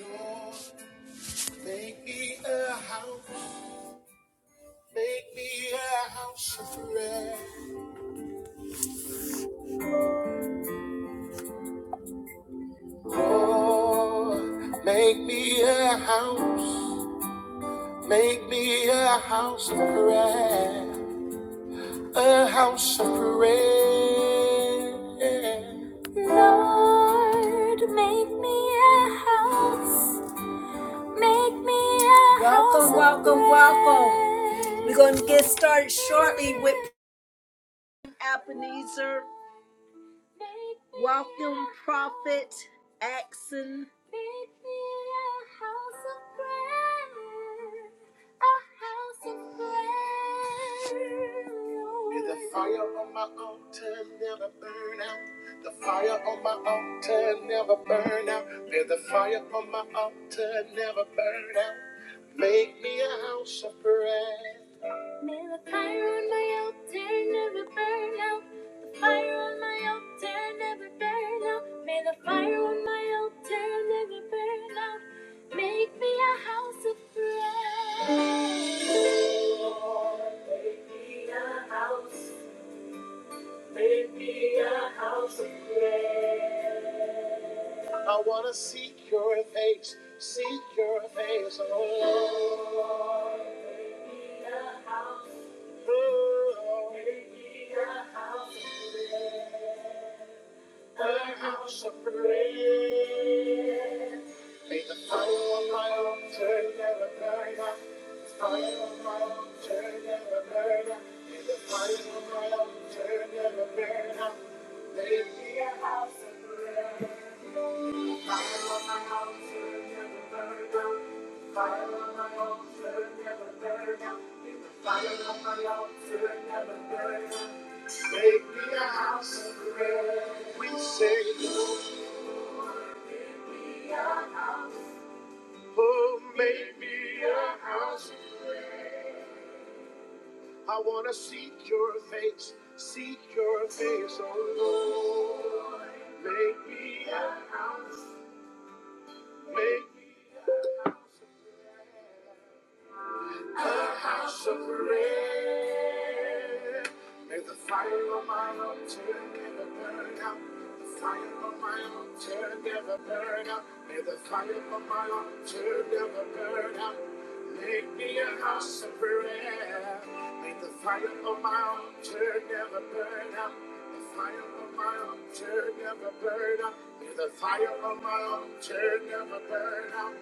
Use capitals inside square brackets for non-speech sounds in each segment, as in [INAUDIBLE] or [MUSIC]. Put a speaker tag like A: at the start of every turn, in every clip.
A: Lord, make me a house, make me a house of prayer. Lord, make me a house, make me a house of prayer, a house of prayer. Lord, make me a house, make me a house. Welcome, welcome, welcome. We're going to get started shortly with Ebenezer. Welcome, Prophet Axon. Make me a house of prayer, a house of prayer. May the fire on my altar never burn out. The fire on my altar never burn out. May the fire on my altar never burn out. Make me a house of prayer. May the fire on my altar never burn out. The fire on my altar never burn out. May the fire on my altar never burn out. Make me a house of prayer. Make me a house. Make me a house of prayer. I wanna seek your face, seek your face, oh Lord. Oh, Lord. Make me a house of prayer. Her house of prayer. May the fire on my altar never burn out. The fire on my altar never burn out. May the fire on my altar never burn out. May it be a house. of Fire on my altar never burn out. The Fire on my altar never burn out. May the fire on my altar never burn out. Make me a house of prayer. We say. Oh, make me a house. I wanna seek your face, seek your face, oh Lord. Make me a, make me a house of prayer. May the fire of my altar never burn out. The fire of my altar never burn out. May the fire of my altar never burn out. Make me a house of prayer. May the fire of my altar never burn out. The fire of my altar never burn out. May the fire of my altar never burn out.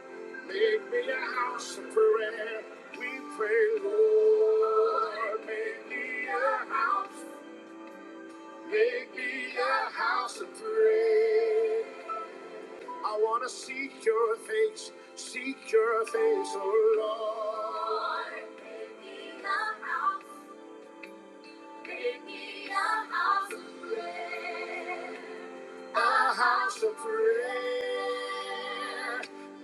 A: Make me a house of prayer pray, Lord, make me a house, make me a house of prayer. I wanna seek your face, seek your face, oh Lord, a house of prayer.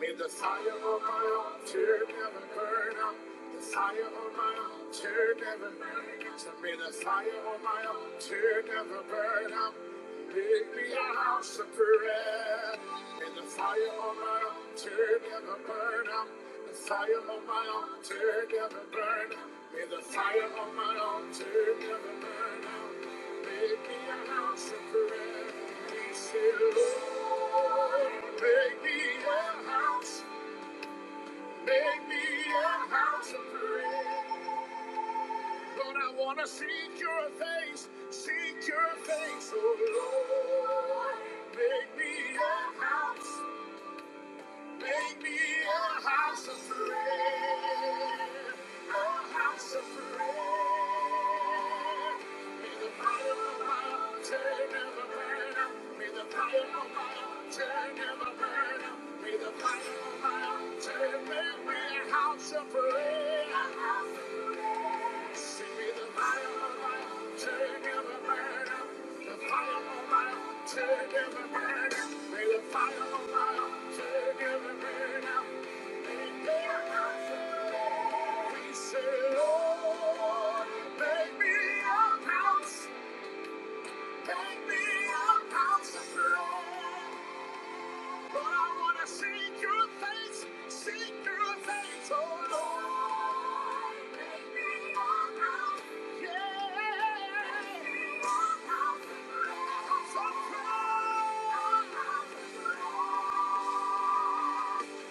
A: May the fire of my altar never burn out. The fire of my altar never burn out. So may the fire of my altar never burn out. Make me a house of prayer. May the fire of my altar never burn out. The fire of my altar never burn out. May the fire of my altar never burn out a a house of prayer. a House of prayer. Thank you. Yeah.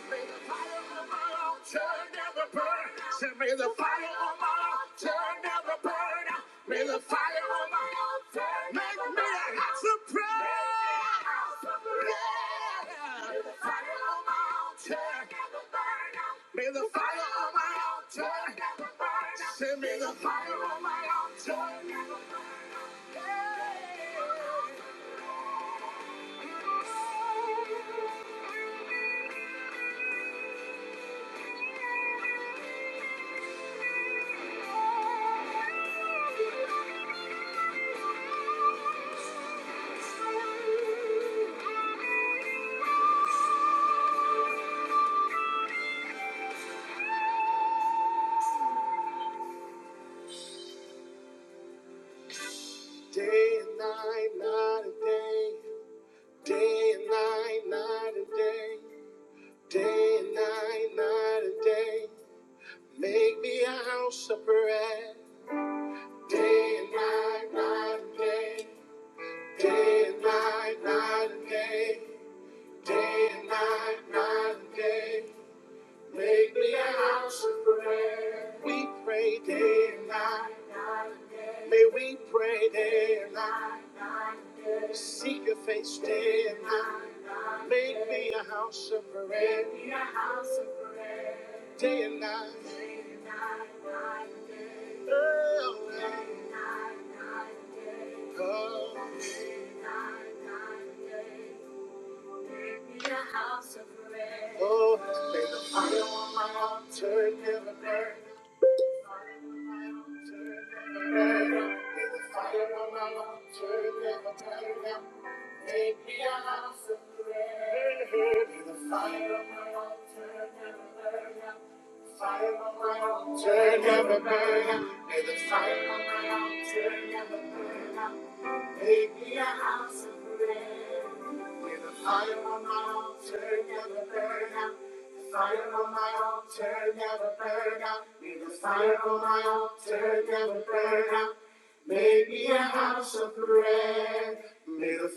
A: May the fire on my altar never burn out. Say, May the fire on my altar never burn out. May the Make me a house of prayer. May the fire on my altar never burn out. Say, May the fire on my altar. Day and night, night and day. Day and night, night and day. Day and night, night and day. Make me a house of prayer. Day and night, night and day. Day and night, night and day. Day and night, night and day. Make me a house of prayer. We pray day and night. May we pray day and night. Seek your face day and night. Make me a house of prayer. The fire of my altar never burn out. The fire of my altar never burn out. May the fire of my altar never burn out. Make me a house of prayer. May the fire on my altar never burn out. The fire on my altar never burn out. May the fire on my altar never burn out. Make me a house of prayer. May the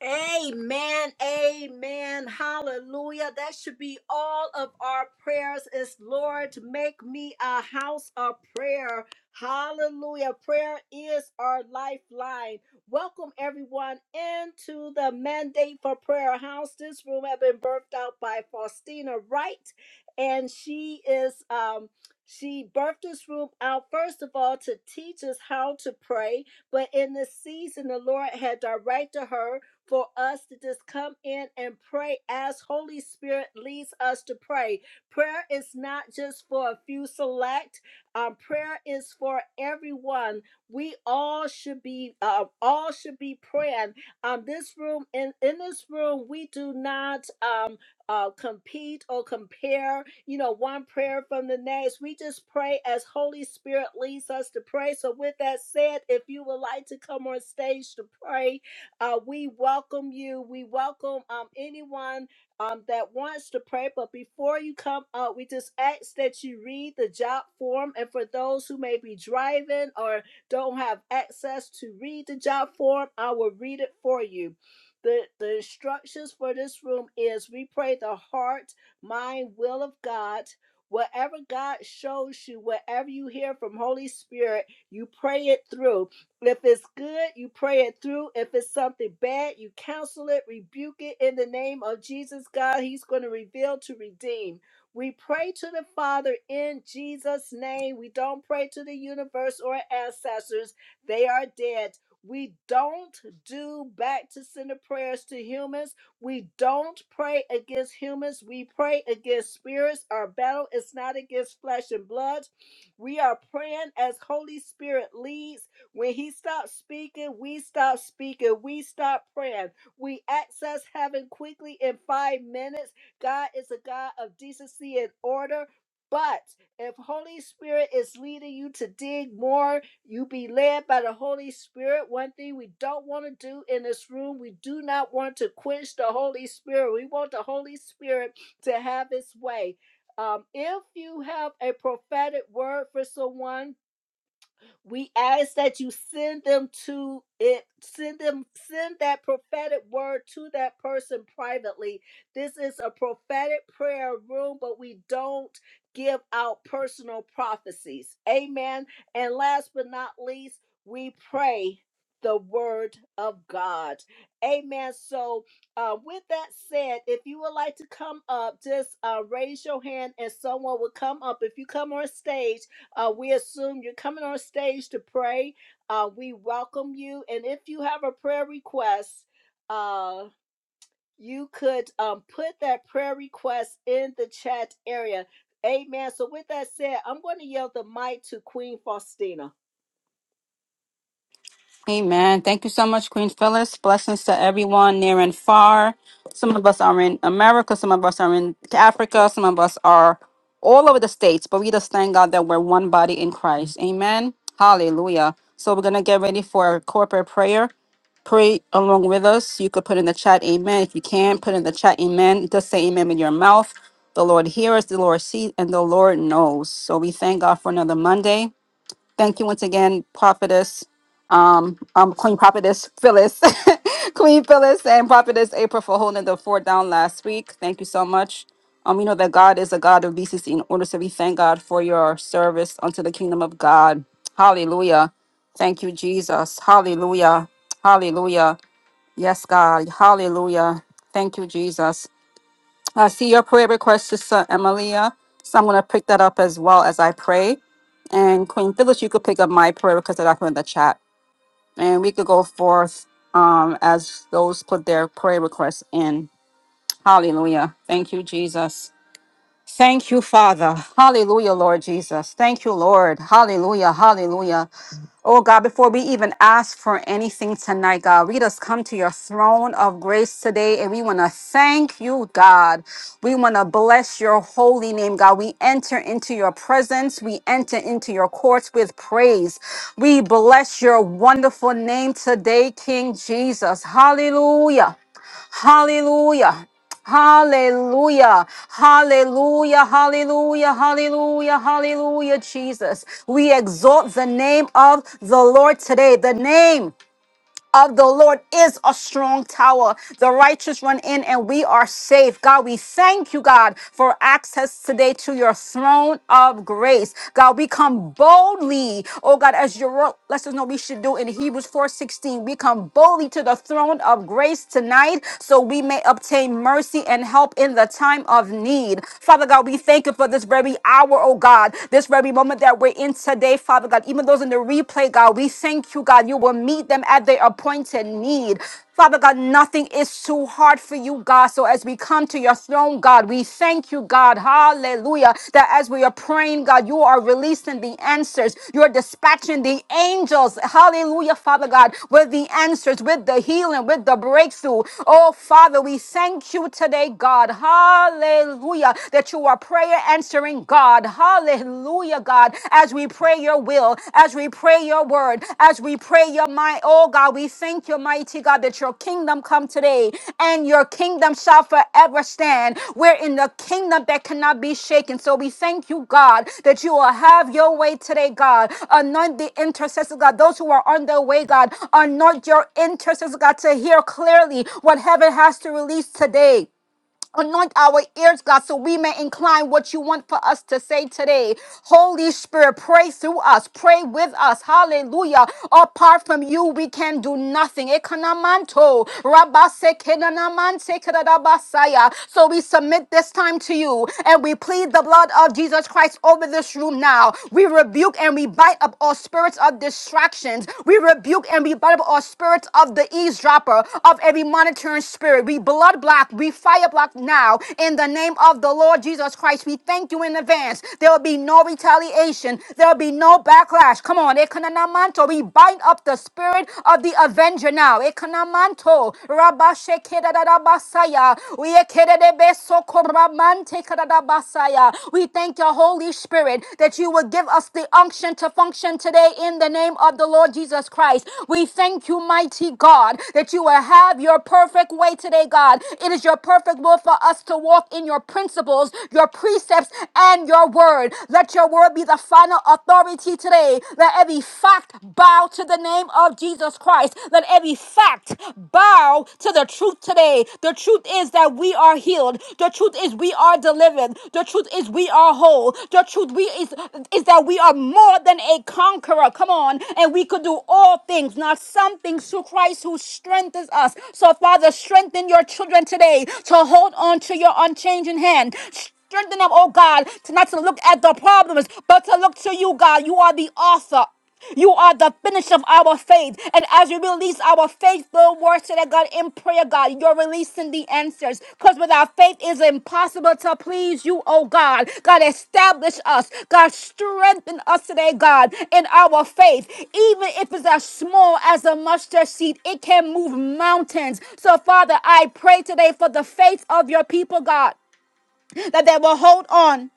A: Amen. Amen. Hallelujah. That should be all of our prayers is Lord, make me a house of prayer. Hallelujah. Prayer is our lifeline. Welcome everyone into the mandate for prayer house. This room has been birthed out by Faustina Wright and she is um she birthed this room out first of all to teach us how to pray, but in this season the Lord had directed her for us to just come in and pray as Holy Spirit leads us to pray. Prayer is not just for a few select. Um, prayer is for everyone. We all should be uh, all should be praying. Um, this room in in this room we do not um uh, compete or compare, you know, one prayer from the next. We just pray as Holy Spirit leads us to pray. So, with that said, if you would like to come on stage to pray, uh, we welcome you. We welcome um, anyone um, that wants to pray. But before you come up, we just ask that you read the job form. And for those who may be driving or don't have access to read the job form, I will read it for you. The, the instructions for this room is we pray the heart, mind, will of God. Whatever God shows you, whatever you hear from Holy Spirit, you pray it through. If it's good, you pray it through. If it's something bad, you counsel it, rebuke it in the name of Jesus, God. He's going to reveal to redeem. We pray to the Father in Jesus' name. We don't pray to the universe or ancestors, they are dead. We don't do back to sender prayers to humans. We don't pray against humans. We pray against spirits. Our battle is not against flesh and blood. We are praying as Holy Spirit leads when he stops speaking, we stop speaking. We stop praying. We access heaven quickly in five minutes. God is a God of decency and order. But if Holy Spirit is leading you to dig more, you be led by the Holy Spirit. One thing we don't want to do in this room, we do not want to quench the Holy Spirit. We want the Holy Spirit to have its way. Um, if you have a prophetic word for someone, we ask that you send them to it, send them, send that prophetic word to that person privately. This is a prophetic prayer room, but we don't give out personal prophecies. Amen. And last but not least, we pray the word of God. Amen. So, uh, with that said, if you would like to come up, just uh, raise your hand and someone will come up. If you come on stage, uh, we assume you're coming on stage to pray. Uh, we welcome you. And if you have a prayer request, uh, you could um, put that prayer request in the chat area. Amen. So, with that said, I'm going to yield the mic to Queen Faustina.
B: Amen. Thank you so much, Queen Phyllis. Blessings to everyone near and far. Some of us are in America, some of us are in Africa, some of us are all over the states, but we just thank God that we're one body in Christ. Amen. Hallelujah. So we're going to get ready for corporate prayer. Pray along with us. You could put in the chat, Amen. If you can, put in the chat, Amen. Just say Amen with your mouth. The Lord hears, the Lord sees, and the Lord knows. So we thank God for another Monday. Thank you once again, Prophetess um, Queen Prophetess Phyllis, [LAUGHS] Queen Phyllis, and Prophetess April for holding the fort down last week. Thank you so much. Um, you know that God is a God of decency and order, so we thank God for your service unto the kingdom of God. Hallelujah. Thank you, Jesus. Hallelujah. Hallelujah. Yes, God. Hallelujah. Thank you, Jesus. I see your prayer request, Sister Emilia. So I'm going to pick that up as well as I pray. And Queen Phyllis, you could pick up my prayer request that I put in the chat and we could go forth um, as those put their prayer requests in. Hallelujah. Thank you, Jesus. Thank you, Father. Hallelujah, Lord Jesus. Thank you, Lord. Hallelujah. Hallelujah. Oh God, before we even ask for anything tonight, God, we just come to your throne of grace today and we want to thank you, God. We want to bless your holy name, God. We enter into your presence, we enter into your courts with praise. We bless your wonderful name today, King Jesus. Hallelujah. Hallelujah. Hallelujah, hallelujah, hallelujah, hallelujah, hallelujah, Jesus. We exalt the name of the Lord today, the name of the Lord is a strong tower. The righteous run in and we are safe. God, we thank you, God, for access today to your throne of grace. God, we come boldly, oh God, as your word lets us know we should do in Hebrews 4:16. We come boldly to the throne of grace tonight so we may obtain mercy and help in the time of need. Father God, we thank you for this very hour, oh God, this very moment that we're in today, Father God. Lord, even those in the replay, God, we thank you, God. You will meet them at their appointed need. Father God, nothing is too hard for you, God. So as we come to your throne, God, we thank you, God. Hallelujah. That as we are praying, God, you are releasing the answers. You are dispatching the angels. Hallelujah, Father God, with the answers, with the healing, with the breakthrough. Oh, Father, we thank you today, God. Hallelujah. That you are prayer answering answering God. Hallelujah, God. As we pray your will, as we pray your word, as we pray your mind, oh God, we thank you, mighty God, that your kingdom come today and your kingdom shall forever stand. We're in the kingdom that cannot be shaken. So we thank you, God, that you will have your way today, God. Anoint the intercessors, God, those who are on their way, God. Anoint your intercessors, God, to hear clearly what heaven has to release today. Anoint our ears, God, so we may incline what you want for us to say today. Holy Spirit, pray through us, pray with us. Hallelujah. Apart from you, we can do nothing. Ekanamanto, rabasekenanamanse keradabasaya. So we submit this time to you and we plead the blood of Jesus Christ over this room now. We rebuke and we bite up all spirits of distractions. We rebuke rebuke and rebutt all spirits of the eavesdropper, of every monitoring spirit. We blood block, we fire block now in the name of the Lord Jesus Christ. We thank you in advance. There will be no retaliation, there will be no backlash. Come on, Ekanamanto, we bind up the spirit of the avenger now. Ekanamanto, Rabashekedadabasaya, Uyekedebe Sokoramante Kadadabasaya. We thank thank you, Holy Spirit, that you will give us the unction to function today in the name of the Lord Jesus Christ. We thank you, mighty God, that you will have your perfect way today, God. It is your perfect will for us to walk in your principles, your precepts, and your word. Let your word be the final authority today. Let every fact bow to the name of Jesus Christ. Let every fact bow to the the truth today. The truth is that we are healed. The truth is we are delivered. The truth is we are whole. The truth we is, is that we are more than a conqueror. Come on. And we could do all things, not some things through Christ who strengthens us. So Father, strengthen your children today to hold on to your unchanging hand. Strengthen them, oh God, to not to look at the problems, but to look to you, God. You are the author. You are the finish of our faith. And as we release our faith, the words to that God in prayer, God, you're releasing the answers. Because without faith, it's impossible to please you, oh God. God, establish us. God, strengthen us today, God, in our faith. Even if it's as small as a mustard seed, it can move mountains. So, Father, I pray today for the faith of your people, God that they will hold on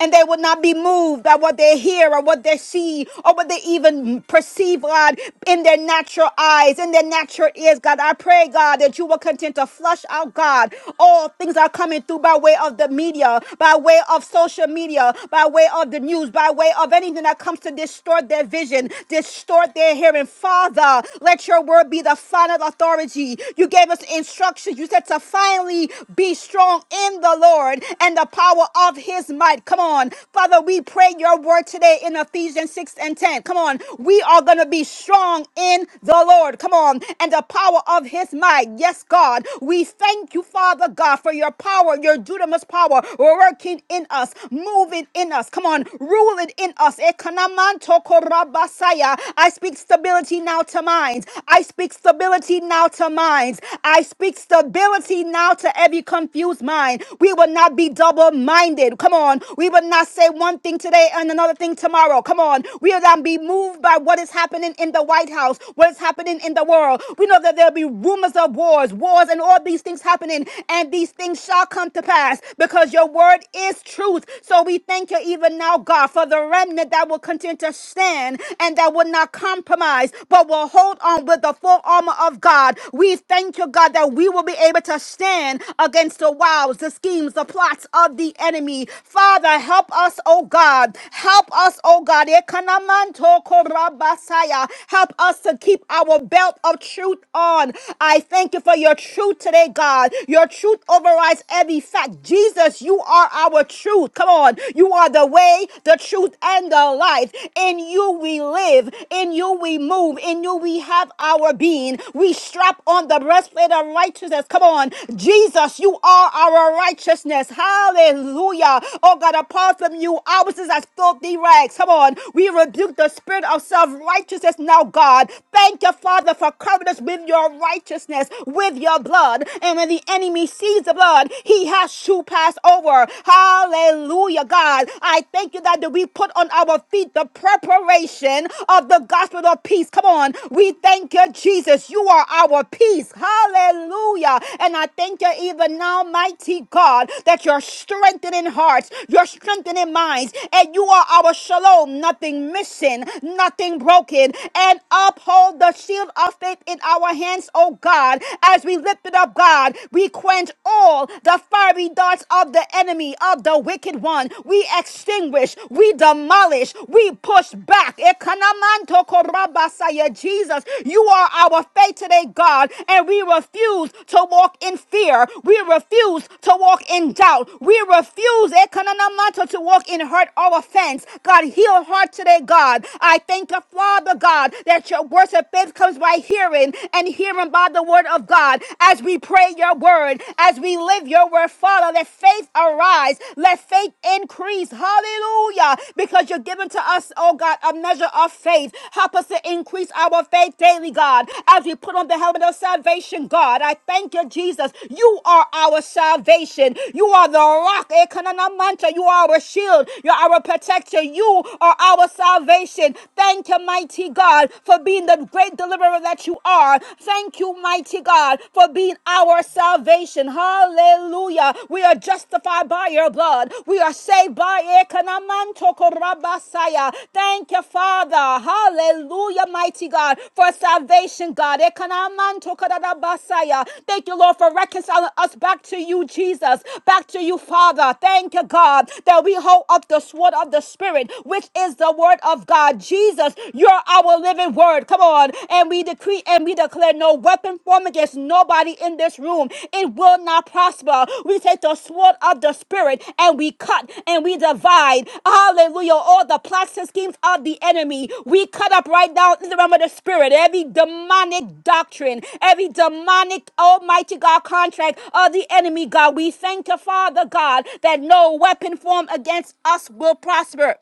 B: and they will not be moved by what they hear or what they see or what they even perceive, God, in their natural eyes, in their natural ears, God. I pray, God, that you will continue to flush out, God, all things are coming through by way of the media, by way of social media, by way of the news, by way of anything that comes to distort their vision, distort their hearing. Father, let your word be the final authority. You gave us instructions. You said to finally be strong in the the Lord and the power of his might. Come on. Father, we pray your word today in Ephesians 6 and 10. Come on. We are going to be strong in the Lord. Come on. And the power of his might. Yes, God. We thank you, Father God, for your power, your dunamis power working in us, moving in us. Come on. Ruling in us. Ekanamanto korabasaya. I speak stability now to minds. I speak stability now to minds. I speak stability stability now to every confused mind. We will not be double minded. Come on. We will not say one thing today and another thing tomorrow. Come on. We will not be moved by what is happening in the White House, what is happening in the world. We know that there'll be rumors of wars, wars, and all these things happening. And these things shall come to pass because your word is truth. So we thank you even now, God, for the remnant that will continue to stand and that will not compromise, but will hold on with the full armor armor of God. We thank you, God, that we will be able to stand against the wiles, the schemes, the plots of the enemy. Father, help us, oh God. Help us, oh God. Ekanamanto korabasaya. Help us to keep our belt of truth on. I thank you for your truth today, God. Your truth overrides every fact. Jesus, you are our truth. Come on. You are the way, the truth, and the life. In you we live. In you you we move, in you we have our being. We strap on the breastplate of righteousness. Come on, Jesus, you are our righteousness. Hallelujah. Oh God, apart from you, ours is as filthy rags. Come on, we rebuke the spirit of self righteousness now, God. Thank you, Father, for covering us with your righteousness, with your blood. And when the enemy sees the blood, he has to pass over. Hallelujah, God. I thank you that we put on our feet feet the preparation of the gospel of peace. Come on. We thank you, Jesus. You are our peace. Hallelujah. And I thank you even now, mighty God, that you're strengthening hearts, you're strengthening minds, and you are our shalom. Nothing missing, nothing broken. And uphold the shield of faith in our hands, oh God, as we lift it up, God. We quench all the fiery darts of the enemy, of the wicked one down, we extinguish, we demolish, we push back. Ekanamanto korabasaya. Jesus, you are our faith today, God, and we refuse to walk in fear. We refuse to walk in doubt. We refuse ekananamanto, to walk in hurt or offense. God, heal heart today, God. I thank you, Father God, that your worship of faith comes by hearing and hearing by the word of God as we pray your word, as we live your word, Father. Father, let faith arise. Let faith increase. Hallelujah. Because you're giving to us, oh God, a measure of faith. Help us to increase our faith daily, God, as we put on the helmet of salvation, God. I thank you, Jesus. You are our salvation. You are the rock. Ekanana mancha. You are our shield. You're our protector. You are our salvation. Thank you, mighty God, for being the great deliverer that you are. Thank you, mighty God, for being our salvation. Hallelujah. We are justified by your blood. We are saved by it. Ekanamantokorabasaya. Thank you, Father. Hallelujah, mighty God, for salvation, God. Ekanamantokorabasaya. Thank you, Lord, for reconciling us back to you, Jesus, back to you, Father. Thank you, God, that we hold up the sword of the Spirit, which is the word of God. Jesus, you're our living word. Come on. And we decree and we declare no weapon formed against nobody in this room. It will not prosper. We take the sword of the spirit and we cut and we divide. Hallelujah. All the plots and schemes of the enemy. We cut up right now in the realm of the spirit. Every demonic doctrine, every demonic almighty God contract of the enemy, God. We thank you, Father God, that no weapon formed against us will prosper.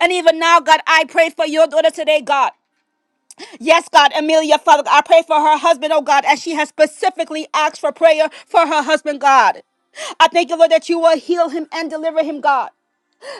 B: And even now, God, I pray for your daughter today, God. Yes, God, Amelia, Father, I pray for her husband, oh God, as she has specifically asked for prayer for her husband, God. I thank you, Lord, that you will heal him and deliver him, God.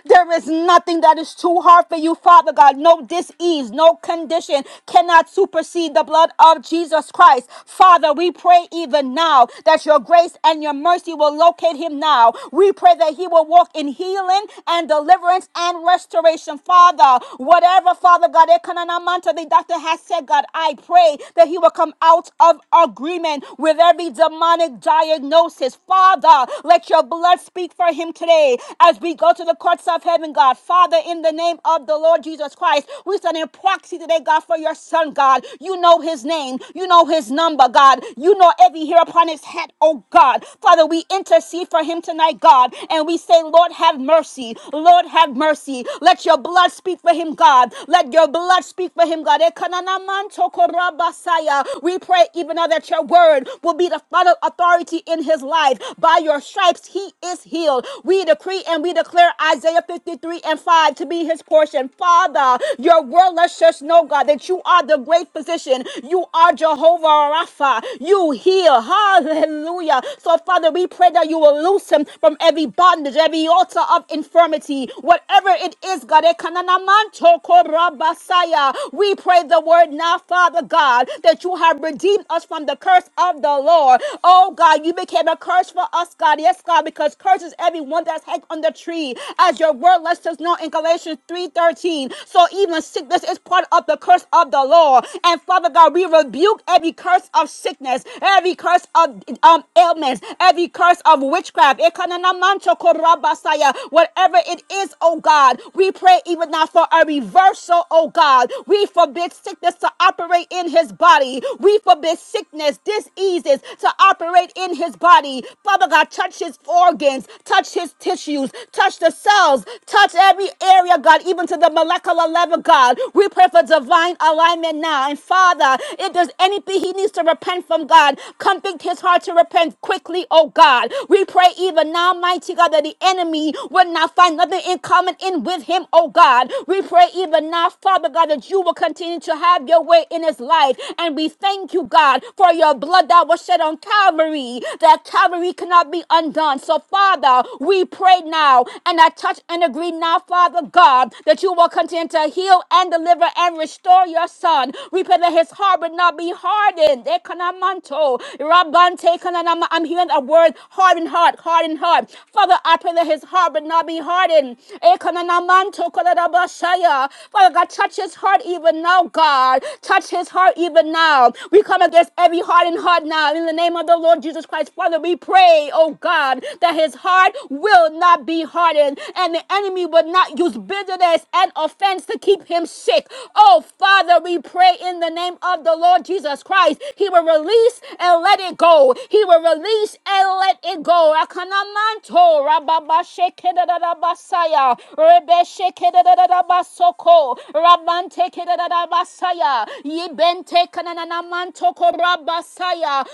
B: There is nothing that is too hard for you, Father God. No disease, no condition cannot supersede the blood of Jesus Christ. Father, we pray even now that your grace and your mercy will locate him now. We pray that he will walk in healing and deliverance and restoration. Father, whatever, Father God, Ekananamanta, the doctor has said, God, I pray that he will come out of agreement with every demonic diagnosis. Father, let your blood speak for him today as we go to the courts of heaven, God. Father, in the name of the Lord Jesus Christ, we stand in proxy today, God, for your son, God. You know his name. You know his number, God. You know every hair upon his head, oh God. Father, we intercede for him tonight, God. And we say, Lord, have mercy. Lord, have mercy. Let your blood speak for him, God. Let your blood speak for him, God. Ekananamantokorabasaya. We pray even now that your word will be the final authority in his life. By your stripes, he is healed. We decree and we declare declare Isaiah 53 and 5 to be his portion. Father, your word lets us know, God, that you are the great physician. You are Jehovah Rapha. You heal. Hallelujah. So, Father, we pray that you will loose him from every bondage, every altar of infirmity, whatever it is, God. Ekananamanto korabasaya. We pray the word now, Father God, that you have redeemed us from the curse of the Lord. Oh, God, you became a curse for us, God. Yes, God, because curses everyone that's hanged on the a tree, as your word lets us know in Galatians 3:13. So even sickness is part of the curse of the law. And Father God, we rebuke every curse of sickness, every curse of um, ailments, every curse of witchcraft. Ekananamanchokorabasaya. Whatever it is, oh God, we pray even now for a reversal, oh God. We forbid sickness to operate in his body. We forbid sickness, diseases to operate in his body. Father God, touch his organs, touch his tissues tissues, touch the cells, touch every area, God, even to the molecular level, God. We pray for divine alignment now. And Father, if there's anything he needs to repent from, God, convict his heart to repent quickly, oh God. We pray even now, mighty God, that the enemy will not find nothing in common in with him, oh God. We pray even now, Father God, that you will continue to have your way in his life. And we thank you, God, for your blood that was shed on Calvary, that Calvary cannot be undone. So, Father, we we pray now and I touch and agree now, Father God, that you will continue to heal and deliver and restore your son. We pray that his heart would not be hardened. Ekanamanto, Rabante kananama. I'm hearing a word hardened heart, hardened heart. Father, I pray that his heart would not be hardened. Ekananamanto kolarabashaya. Father God, touch his heart even now, God. Touch his heart even now. We come against every hardened heart now in the name of the Lord Jesus Christ. Father, we pray, oh God, that his heart will not be hardened, and the enemy will not use bitterness and offense to keep him sick. Oh, Father, we pray in the name of the Lord Jesus Christ. He will release and let it go. He will release and let it go. Akanamanto, rababashekedadadabasaya, rebeshekedadadabasoko, rabantekedadadabasaya, yibentekananamantoko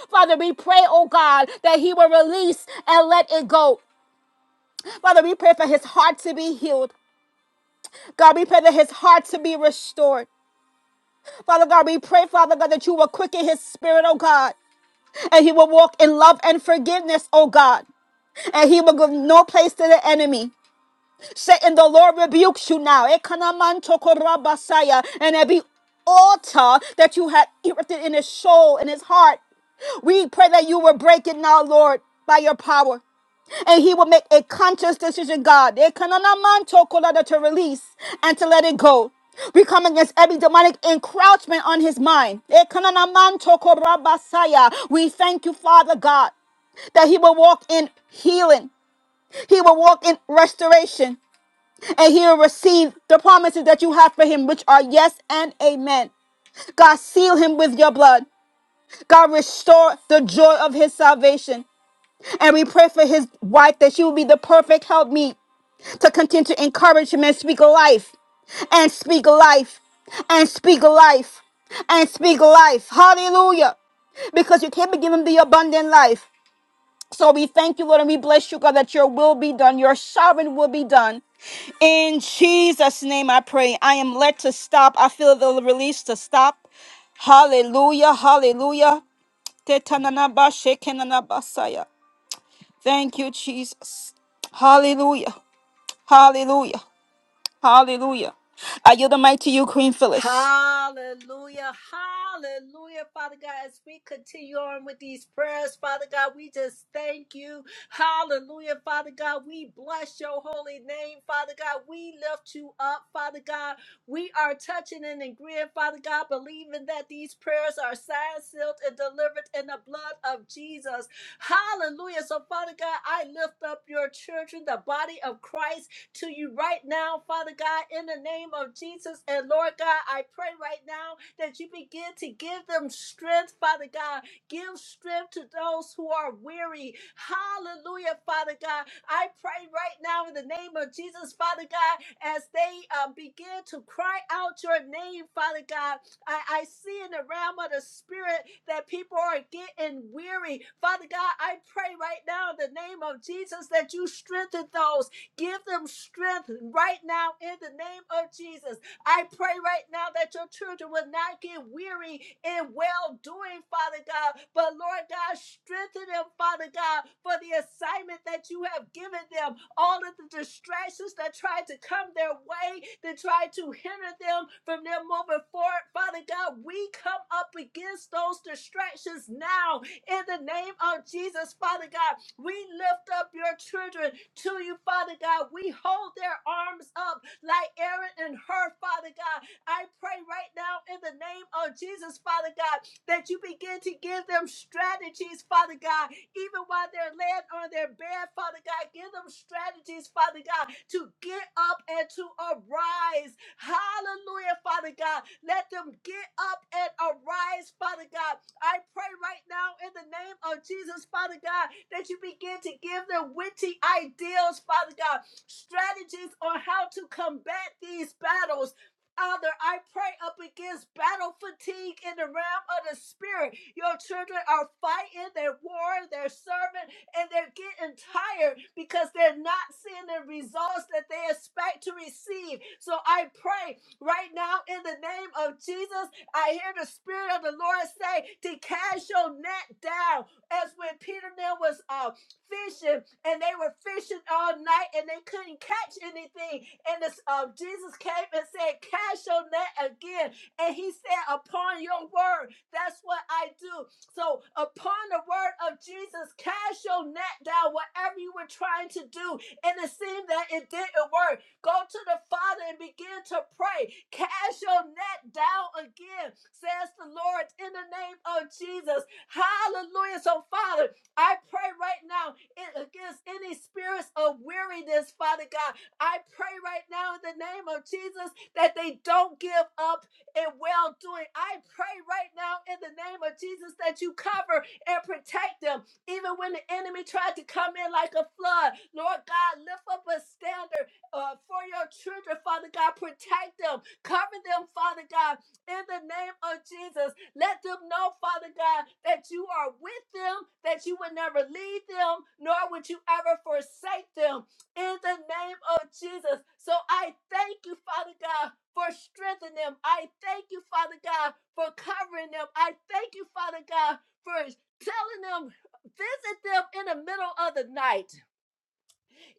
B: Father, we pray, oh God, that He will release and let it go. Father, we pray for his heart to be healed. God, we pray that his heart to be restored. Father God, we pray, Father God, that you will quicken his spirit, oh God, and he will walk in love and forgiveness, oh God, and he will give no place to the enemy. Satan, the Lord rebukes you now. Ekanamantokorabasaya. And every altar that you had erected in his soul, in his heart, we pray that you will break it now, Lord, by your power. and he will make a conscious decision, God, eh, kanana manto kolada, to release and to let it go. We come against every demonic encroachment on his mind. Eh, kanana manto korabasaya. We thank you, Father God, that he will walk in healing. He will walk in restoration and he will receive the promises that you have for him, which are yes and amen. God, seal him with your blood. God, restore the joy of his salvation. And we pray for his wife that she will be the perfect helpmeet to continue to encourage him and speak life and speak life and speak life and speak life. Hallelujah. Because you can't be giving him the abundant life. So we thank you, Lord, and we bless you, God, that your will be done, your sovereign will be done. In Jesus' name I pray. I am led to stop. I feel the release to stop. Hallelujah. Hallelujah. Tetananaba, shekenanaba, saya. Thank you, Jesus. Hallelujah. Hallelujah. Hallelujah. I yield the mic to you, Queen Phyllis.
A: Hallelujah. Hallelujah. Father God, as we continue on with these prayers, Father God, we just thank you. Hallelujah. Father God, we bless your holy name. Father God, we lift you up. Father God, we are touching and agreeing, Father God, believing that these prayers are signed, sealed, and delivered in the blood of Jesus. Hallelujah. So, Father God, I lift up your children, the body of Christ to you right now, Father God, in the name of Jesus. And Lord God, I pray right now that you begin to give them strength, Father God. Give strength to those who are weary. Hallelujah, Father God. I pray right now in the name of Jesus, Father God, as they uh, begin to cry out your name, Father God. I, I see in the realm of the spirit that people are getting weary. Father God, I pray right now in the name of Jesus that you strengthen those Give them strength right now in the name of Jesus. I pray right now that your children will not get weary in well doing, Father God. But Lord God, strengthen them, Father God, for the assignment that you have given them. All of the distractions that try to come their way, that try to hinder them from their moving forward, Father God, we come up against those distractions now in the name of Jesus, Father God, we lift up your children to you, Father God. We hold their arms up like Aaron and her, Father God. I pray right now in the name of Jesus, Father God, that you begin to give them strategies, Father God, even while they're laying on their bed, Father God. Give them strategies, Father God, to get up and to arise. Hallelujah, Father God. Let them get up and arise, Father God. I pray right now in the name of Jesus, Father God, that you begin to give them witty ideals, Father God, strategies on how to combat these battles. Father, I pray up against battle fatigue in the realm of the spirit. Your children are fighting, they're warring, they're serving, and they're getting tired because they're not seeing the results that they expect to receive. So I pray right now in the name of Jesus, I hear the Spirit of the Lord say to cast your net down as when Peter Nail was up fishing and they were fishing all night and they couldn't catch anything. And this, um, Jesus came and said, Cast your net again. And he said, Upon your word, that's what I do. So, upon the word of Jesus, cast your net down, whatever you were trying to do. And it seemed that it didn't work. Go to the Father and begin to pray. Cast your net down again, says the Lord, in the name of Jesus. Hallelujah. So, Father, I pray right now against any spirits of weariness, Father God. I pray right now in the name of Jesus that they don't give up in well doing. I pray right now in the name of Jesus that you cover and protect them, even when the enemy tried to come in like a flood. Lord God, lift up a standard uh, for your children, Father God. Protect them, cover them, Father God, in the name of Jesus. Let them know, Father God, that you are with them, that you would never leave them, nor would you ever forsake them in the name of Jesus. So I thank you, Father God, for strengthening them. I thank you, Father God, for covering them. I thank you, Father God, for telling them, visit them in the middle of the night.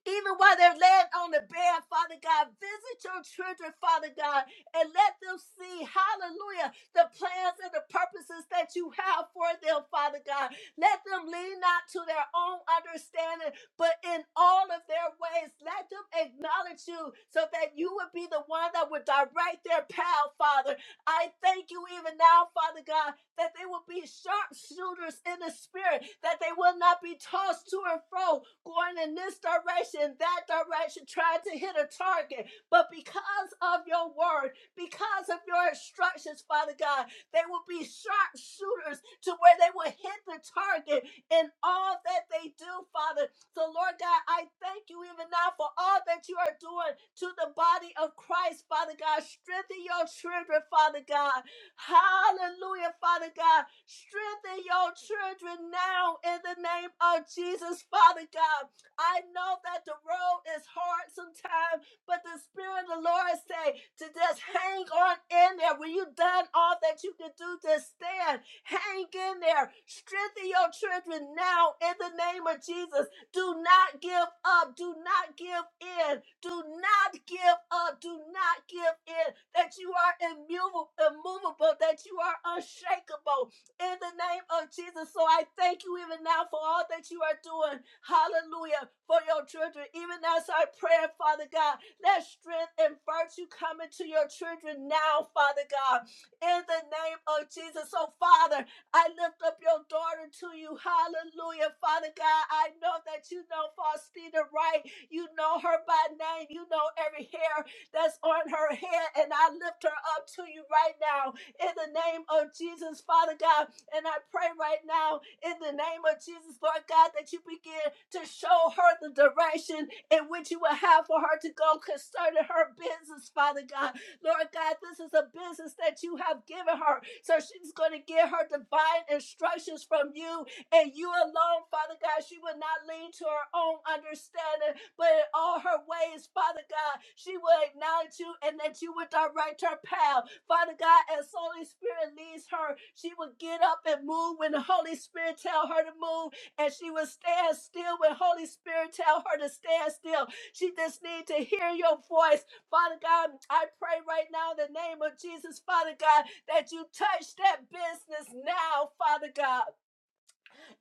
A: Even while they're laying on the bed, Father God, visit your children, Father God, and let them see, hallelujah, the plans and the purposes that you have for them, Father God. Let them lean not to their own understanding, but in all of their ways, let them acknowledge you so that you would be the one that would direct their path, Father. I thank you even now, Father God, that they will be sharpshooters in the spirit, that they will not be tossed to and fro, going in this direction, that direction, trying to hit a target. But because of your word, because of your instructions, Father God, they will be sharpshooters to where they will hit the target in all that they do, Father so, Lord God, I thank you even now for all that you are doing to the body of Christ, Father God. Strengthen your children, Father God. Hallelujah, Father God. Strengthen your children now in the name of Jesus, Father God. I know that the road is hard sometimes, but the Spirit of the Lord say to just hang on in there. When you've done all that you can do, just stand. Hang in there. Strengthen your children now in the name of Jesus. Do not give up. Do not give in. Do not give up. Do not give in. That you are immovable, immovable, that you are unshakable in the name of Jesus. So I thank you even now for all that you are doing. Hallelujah. For your children. Even as I pray, Father God, let strength and virtue come into your children now, Father God, in the name of Jesus. So, Father, I lift up your daughter to you. Hallelujah. Father God, I know that you know Faustina Wright. You know her by name. You know every hair that's on her head. And I lift her up to you right now in the name of Jesus, Father God. And I pray right now in the name of Jesus, Lord God, that you begin to show her the direction in which you will have for her to go concerning her business, Father God. Lord God, this is a business that you have given her. So she's going to get her divine instructions from you and you alone, Father God. She will not lean to her own understanding, but in all her ways, Father God, she will acknowledge you and that you would direct her path. Father God, as Holy Spirit leads her, she will get up and move when the Holy Spirit tell her to move, and she will stand still when Holy Spirit tell her to stand still. She just need to hear your voice Father God, I pray right now in the name of Jesus, Father God, that you touch that business now, Father God.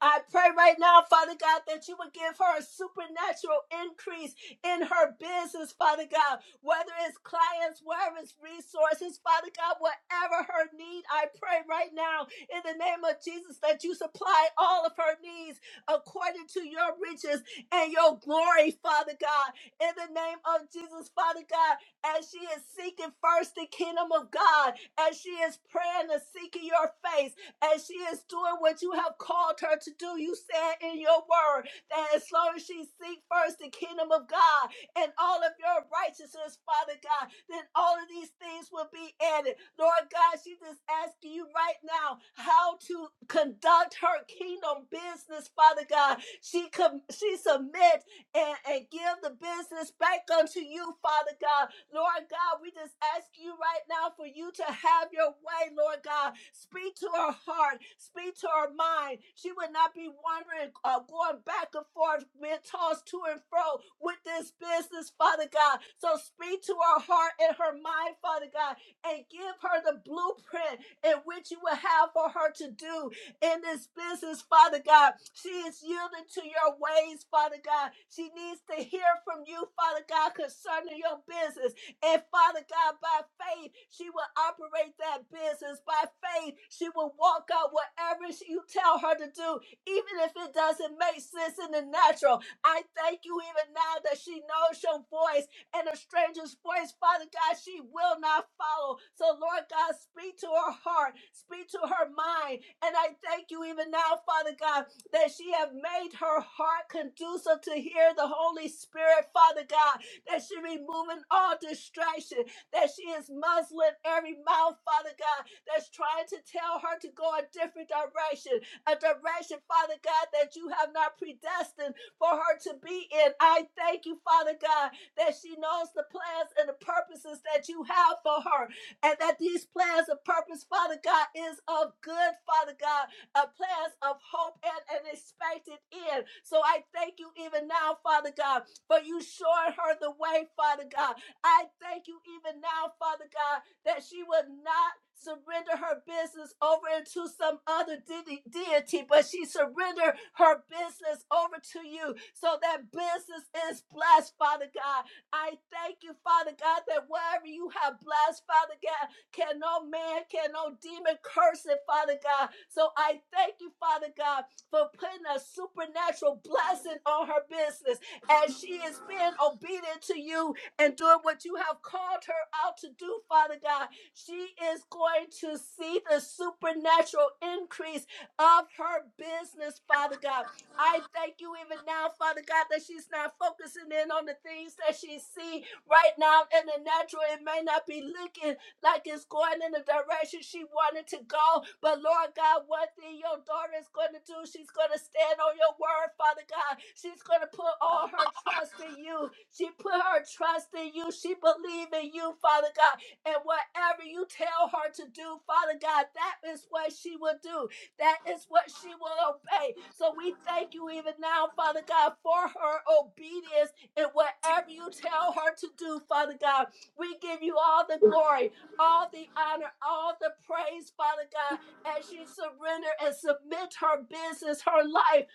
A: I pray right now, Father God, that you would give her a supernatural increase in her business, Father God, whether it's clients, wherever it's resources, Father God, whatever her need, I pray right now in the name of Jesus that you supply all of her needs according to your riches and your glory, Father God. In the name of Jesus, Father God, as she is seeking first the kingdom of God, as she is praying and seeking your face and she is doing what you have called her to do. You said in your word that as long as she seek first the kingdom of God and all of your righteousness, Father God, then all of these things will be added. Lord God, she just asking you right now how to conduct her kingdom business, Father God. She com- she submits and, and give the business back unto you, Father God. Lord God, we just ask you right now for you to have your way, Lord God. Speak to her heart, speak to her mind. She would not be wandering, uh, going back and forth, being tossed to and fro with this business, Father God. So speak to her heart and her mind, Father God, and give her the blueprint in which you will have for her to do in this business, Father God. She is yielding to your ways, Father God. She needs to hear from you, Father God, concerning your business. And Father God, by faith, she will operate that business. By faith, she will walk out whatever she- you tell her to do, even if it doesn't make sense in the natural. I thank you even now that she knows your voice and a stranger's voice, Father God, she will not follow. So, Lord God, speak to her heart, speak to her mind. And I thank you even now, Father God, that she have made her heart conducive to hear the Holy Spirit, Father God, that she removing all distraction, that she is muzzling every mouth, Father God, that's trying to tell her to go a different direction, a direction, Father God, that you have not predestined for her to be in. I thank you, Father God, that she knows the plans and the purposes that you have for her, and that these plans and purpose, Father God, is of good, Father God, a plans of hope and an expected end. So I thank you even now, Father God, for you showing her the way, Father God. I thank you even now, Father God, that she would not surrender her business over into some other de- deity, but she surrendered her business over to you. So that business is blessed, Father God. I thank you, Father God, that wherever you have blessed, Father God, can no man, can no demon curse it, Father God. So I thank you, Father God, for putting a supernatural blessing on her business as she is being obedient to you and doing what you have called her out to do, Father God. She is going to see the supernatural increase of her business, Father God. I thank you even now, Father God, that she's not focusing in on the things that she see right now in the natural. It may not be looking like it's going in the direction she wanted to go. But Lord God, one thing your daughter is going to do, she's going to stand on your word, Father God. She's going to put all her trust in you. She put her trust in you. She believe in you, Father God. And whatever you tell her to do, Father God, that is what she will do. That is what she will obey. So we thank you even now, Father God, for her obedience and whatever you tell her to do, Father God. We give you all the glory all the honor, all the praise, Father God, as she surrender and submit her business, her life,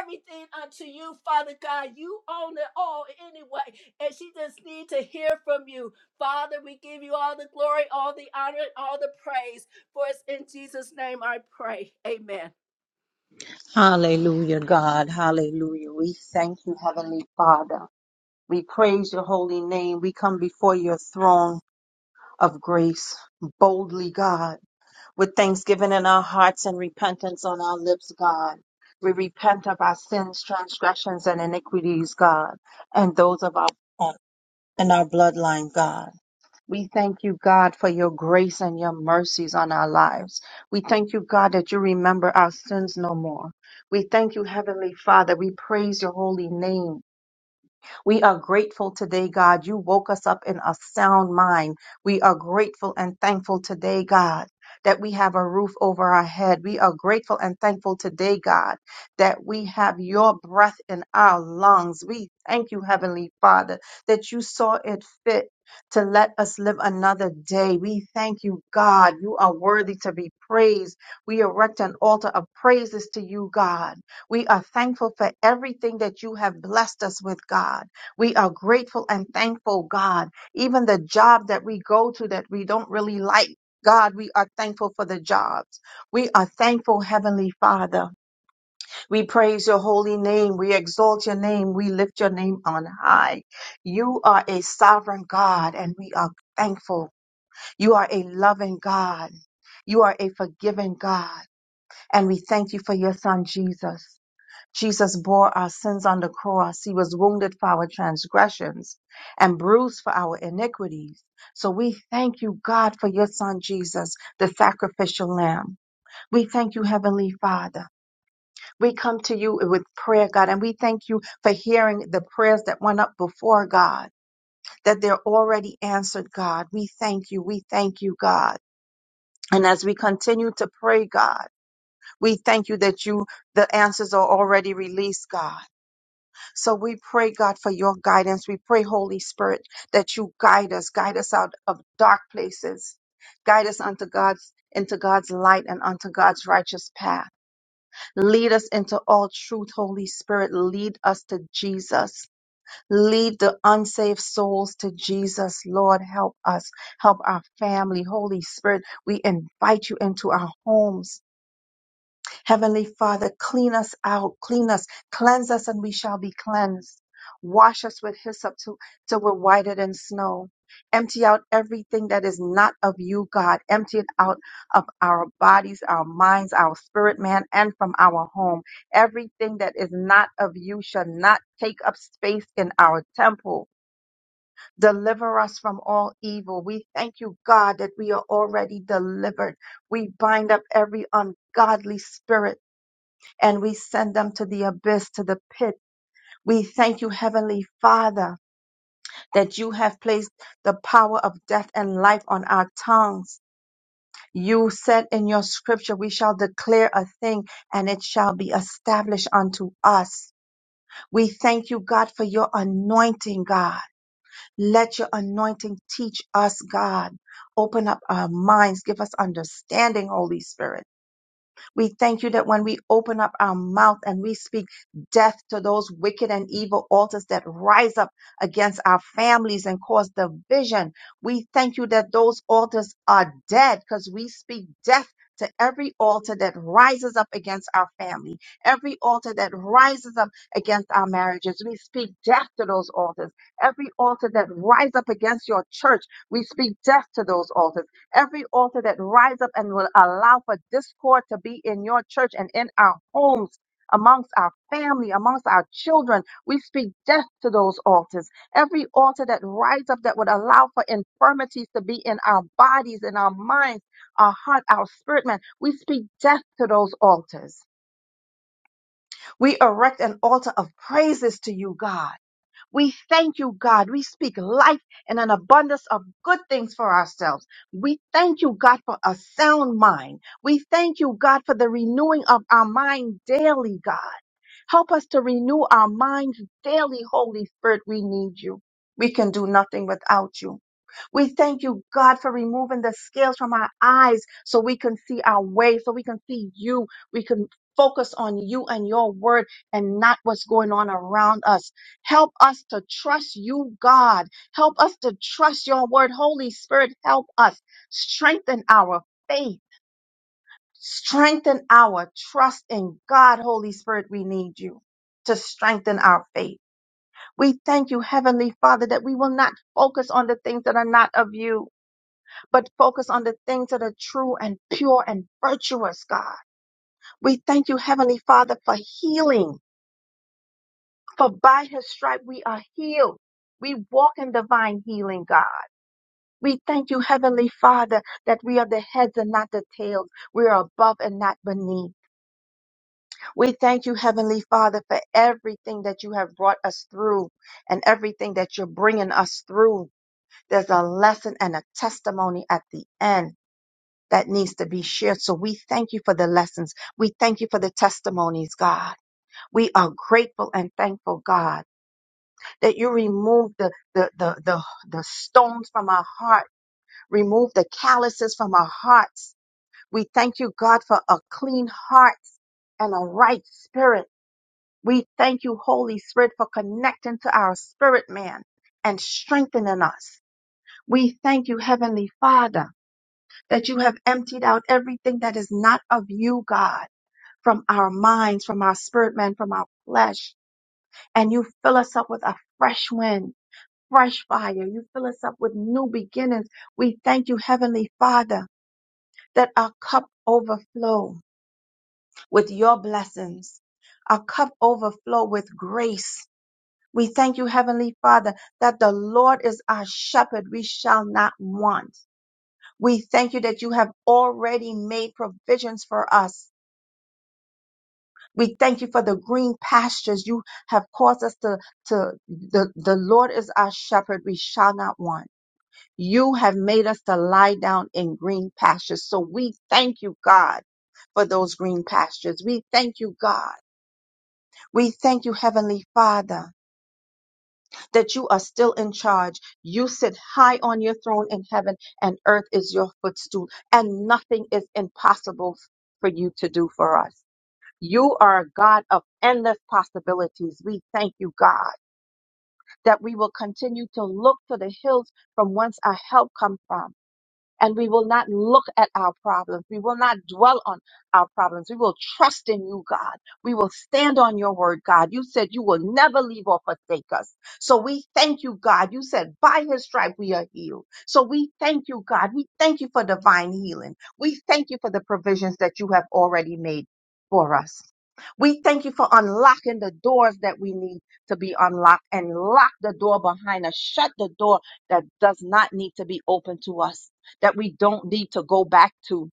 A: everything unto you, Father God. You own it all anyway, and she just need to hear from you. Father, we give you all the glory, all the honor, and all the praise, for it's in Jesus' name I pray. Amen.
C: Hallelujah, God. Hallelujah. We thank you, Heavenly Father. We praise your holy name. We come before your throne of grace boldly, God, with thanksgiving in our hearts and repentance on our lips, God. We repent of our sins, transgressions, and iniquities, God, and those of our and our bloodline, God. We thank you, God, for your grace and your mercies on our lives. We thank you, God, that you remember our sins no more. We thank you, Heavenly Father. We praise your holy name. We are grateful today, God. You woke us up in a sound mind. We are grateful and thankful today, God. That we have a roof over our head. We are grateful and thankful today, God, that we have your breath in our lungs. We thank you, Heavenly Father, that you saw it fit to let us live another day. We thank you, God. You are worthy to be praised. We erect an altar of praises to you, God. We are thankful for everything that you have blessed us with, God. We are grateful and thankful, God. Even the job that we go to that we don't really like, God, we are thankful for the jobs. We are thankful, Heavenly Father. We praise your holy name. We exalt your name. We lift your name on high. You are a sovereign God, and we are thankful. You are a loving God. You are a forgiving God. And we thank you for your son, Jesus. Jesus bore our sins on the cross. He was wounded for our transgressions and bruised for our iniquities. So we thank you, God, for your son Jesus, the sacrificial lamb. We thank you, Heavenly Father. We come to you with prayer, God, and we thank you for hearing the prayers that went up before God, that they're already answered, God. We thank you. We thank you, God. And as we continue to pray, God, we thank you that you, the answers are already released, God. So we pray, God, for your guidance. We pray, Holy Spirit, that you guide us, guide us out of dark places, guide us unto God's into God's light and unto God's righteous path. Lead us into all truth, Holy Spirit. Lead us to Jesus. Lead the unsaved souls to Jesus. Lord, help us. Help our family. Holy Spirit, we invite you into our homes. Heavenly Father, clean us out, clean us, cleanse us, and we shall be cleansed. Wash us with hyssop till, till we're whiter than snow. Empty out everything that is not of you, God. Empty it out of our bodies, our minds, our spirit, man, and from our home. Everything that is not of you shall not take up space in our temple. Deliver us from all evil. We thank you, God, that we are already delivered. We bind up every ungodly spirit and we send them to the abyss, to the pit. We thank you, Heavenly Father, that you have placed the power of death and life on our tongues. You said in your scripture, we shall declare a thing and it shall be established unto us. We thank you, God, for your anointing, God. Let your anointing teach us, God. Open up our minds. Give us understanding, Holy Spirit. We thank you that when we open up our mouth and we speak death to those wicked and evil altars that rise up against our families and cause division, we thank you that those altars are dead because we speak death. To every altar that rises up against our family, every altar that rises up against our marriages, we speak death to those altars. Every altar that rises up against your church, we speak death to those altars Every altar that rise up and will allow for discord to be in your church and in our homes, amongst our family, amongst our children, we speak death to those altars. Every altar that rise up that would allow for infirmities to be in our bodies, in our minds, our heart, our spirit, man, we speak death to those altars. We erect an altar of praises to you, God we thank you, God. We speak life and an abundance of good things for ourselves. We thank you, God, for a sound mind. We thank you, God, for the renewing of our mind daily, God. Help us to renew our minds daily, Holy Spirit. We need you. We can do nothing without you. We thank you, God, for removing the scales from our eyes so we can see our way, so we can see you. We can focus on you and your word and not what's going on around us. Help us to trust you, God. Help us to trust your word. Holy Spirit, help us. Strengthen our faith. Strengthen our trust in God. Holy Spirit, we need you to strengthen our faith. We thank you, Heavenly Father, that we will not focus on the things that are not of you but focus on the things that are true and pure and virtuous, God. We thank you, Heavenly Father, for healing, for by his stripe we are healed. We walk in divine healing, God. We thank you, Heavenly Father, that we are the heads and not the tails. We are above and not beneath. We thank you, Heavenly Father, for everything that you have brought us through and everything that you're bringing us through. There's a lesson and a testimony at the end. that needs to be shared. So we thank you for the lessons. We thank you for the testimonies, God. We are grateful and thankful, God, that you remove the, the, the, the, the stones from our heart, remove the calluses from our hearts. We thank you, God, for a clean heart and a right spirit. We thank you, Holy Spirit, for connecting to our spirit man and strengthening us. We thank you, Heavenly Father, that you have emptied out everything that is not of you, God from our minds, from our spirit man, from our flesh. And you fill us up with a fresh wind, fresh fire. You fill us up with new beginnings. We thank you, Heavenly Father, that our cup overflow with your blessings. Our cup overflow with grace. We thank you, Heavenly Father, that the Lord is our shepherd. We shall not want. We thank you that you have already made provisions for us We thank you for the green pastures you have caused us to, to the, the Lord is our shepherd. We shall not want. You have made us to lie down in green pastures. So we thank you, God, for those green pastures. We thank you, God. We thank you, Heavenly Father, that you are still in charge. You sit high on your throne in heaven and earth is your footstool and nothing is impossible for you to do for us. You are a God of endless possibilities. We thank you, God, that we will continue to look to the hills from whence our help comes from and we will not look at our problems. We will not dwell on our problems. We will trust in you, God. We will stand on your word, God. You said you will never leave or forsake us. So we thank you, God. You said by his stripe we are healed. So we thank you, God. We thank you for divine healing. We thank you for the provisions that you have already made for us. We thank you for unlocking the doors that we need to be unlocked and lock the door behind us. Shut the door that does not need to be open to us that we don't need to go back to.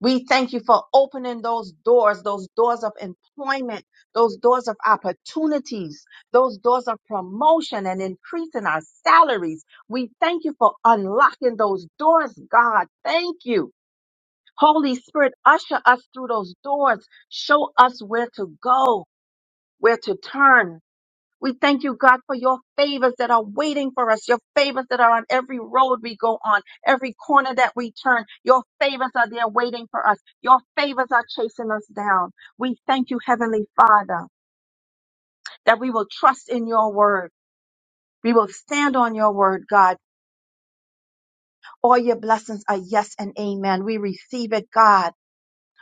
C: We thank you for opening those doors, those doors of employment, those doors of opportunities, those doors of promotion and increasing our salaries. We thank you for unlocking those doors, God. Thank you. Holy Spirit, usher us through those doors. Show us where to go, where to turn, we thank you, God, for your favors that are waiting for us, your favors that are on every road we go on, every corner that we turn. Your favors are there waiting for us. Your favors are chasing us down. We thank you, Heavenly Father, that we will trust in your word. We will stand on your word, God. All your blessings are yes and amen. We receive it, God.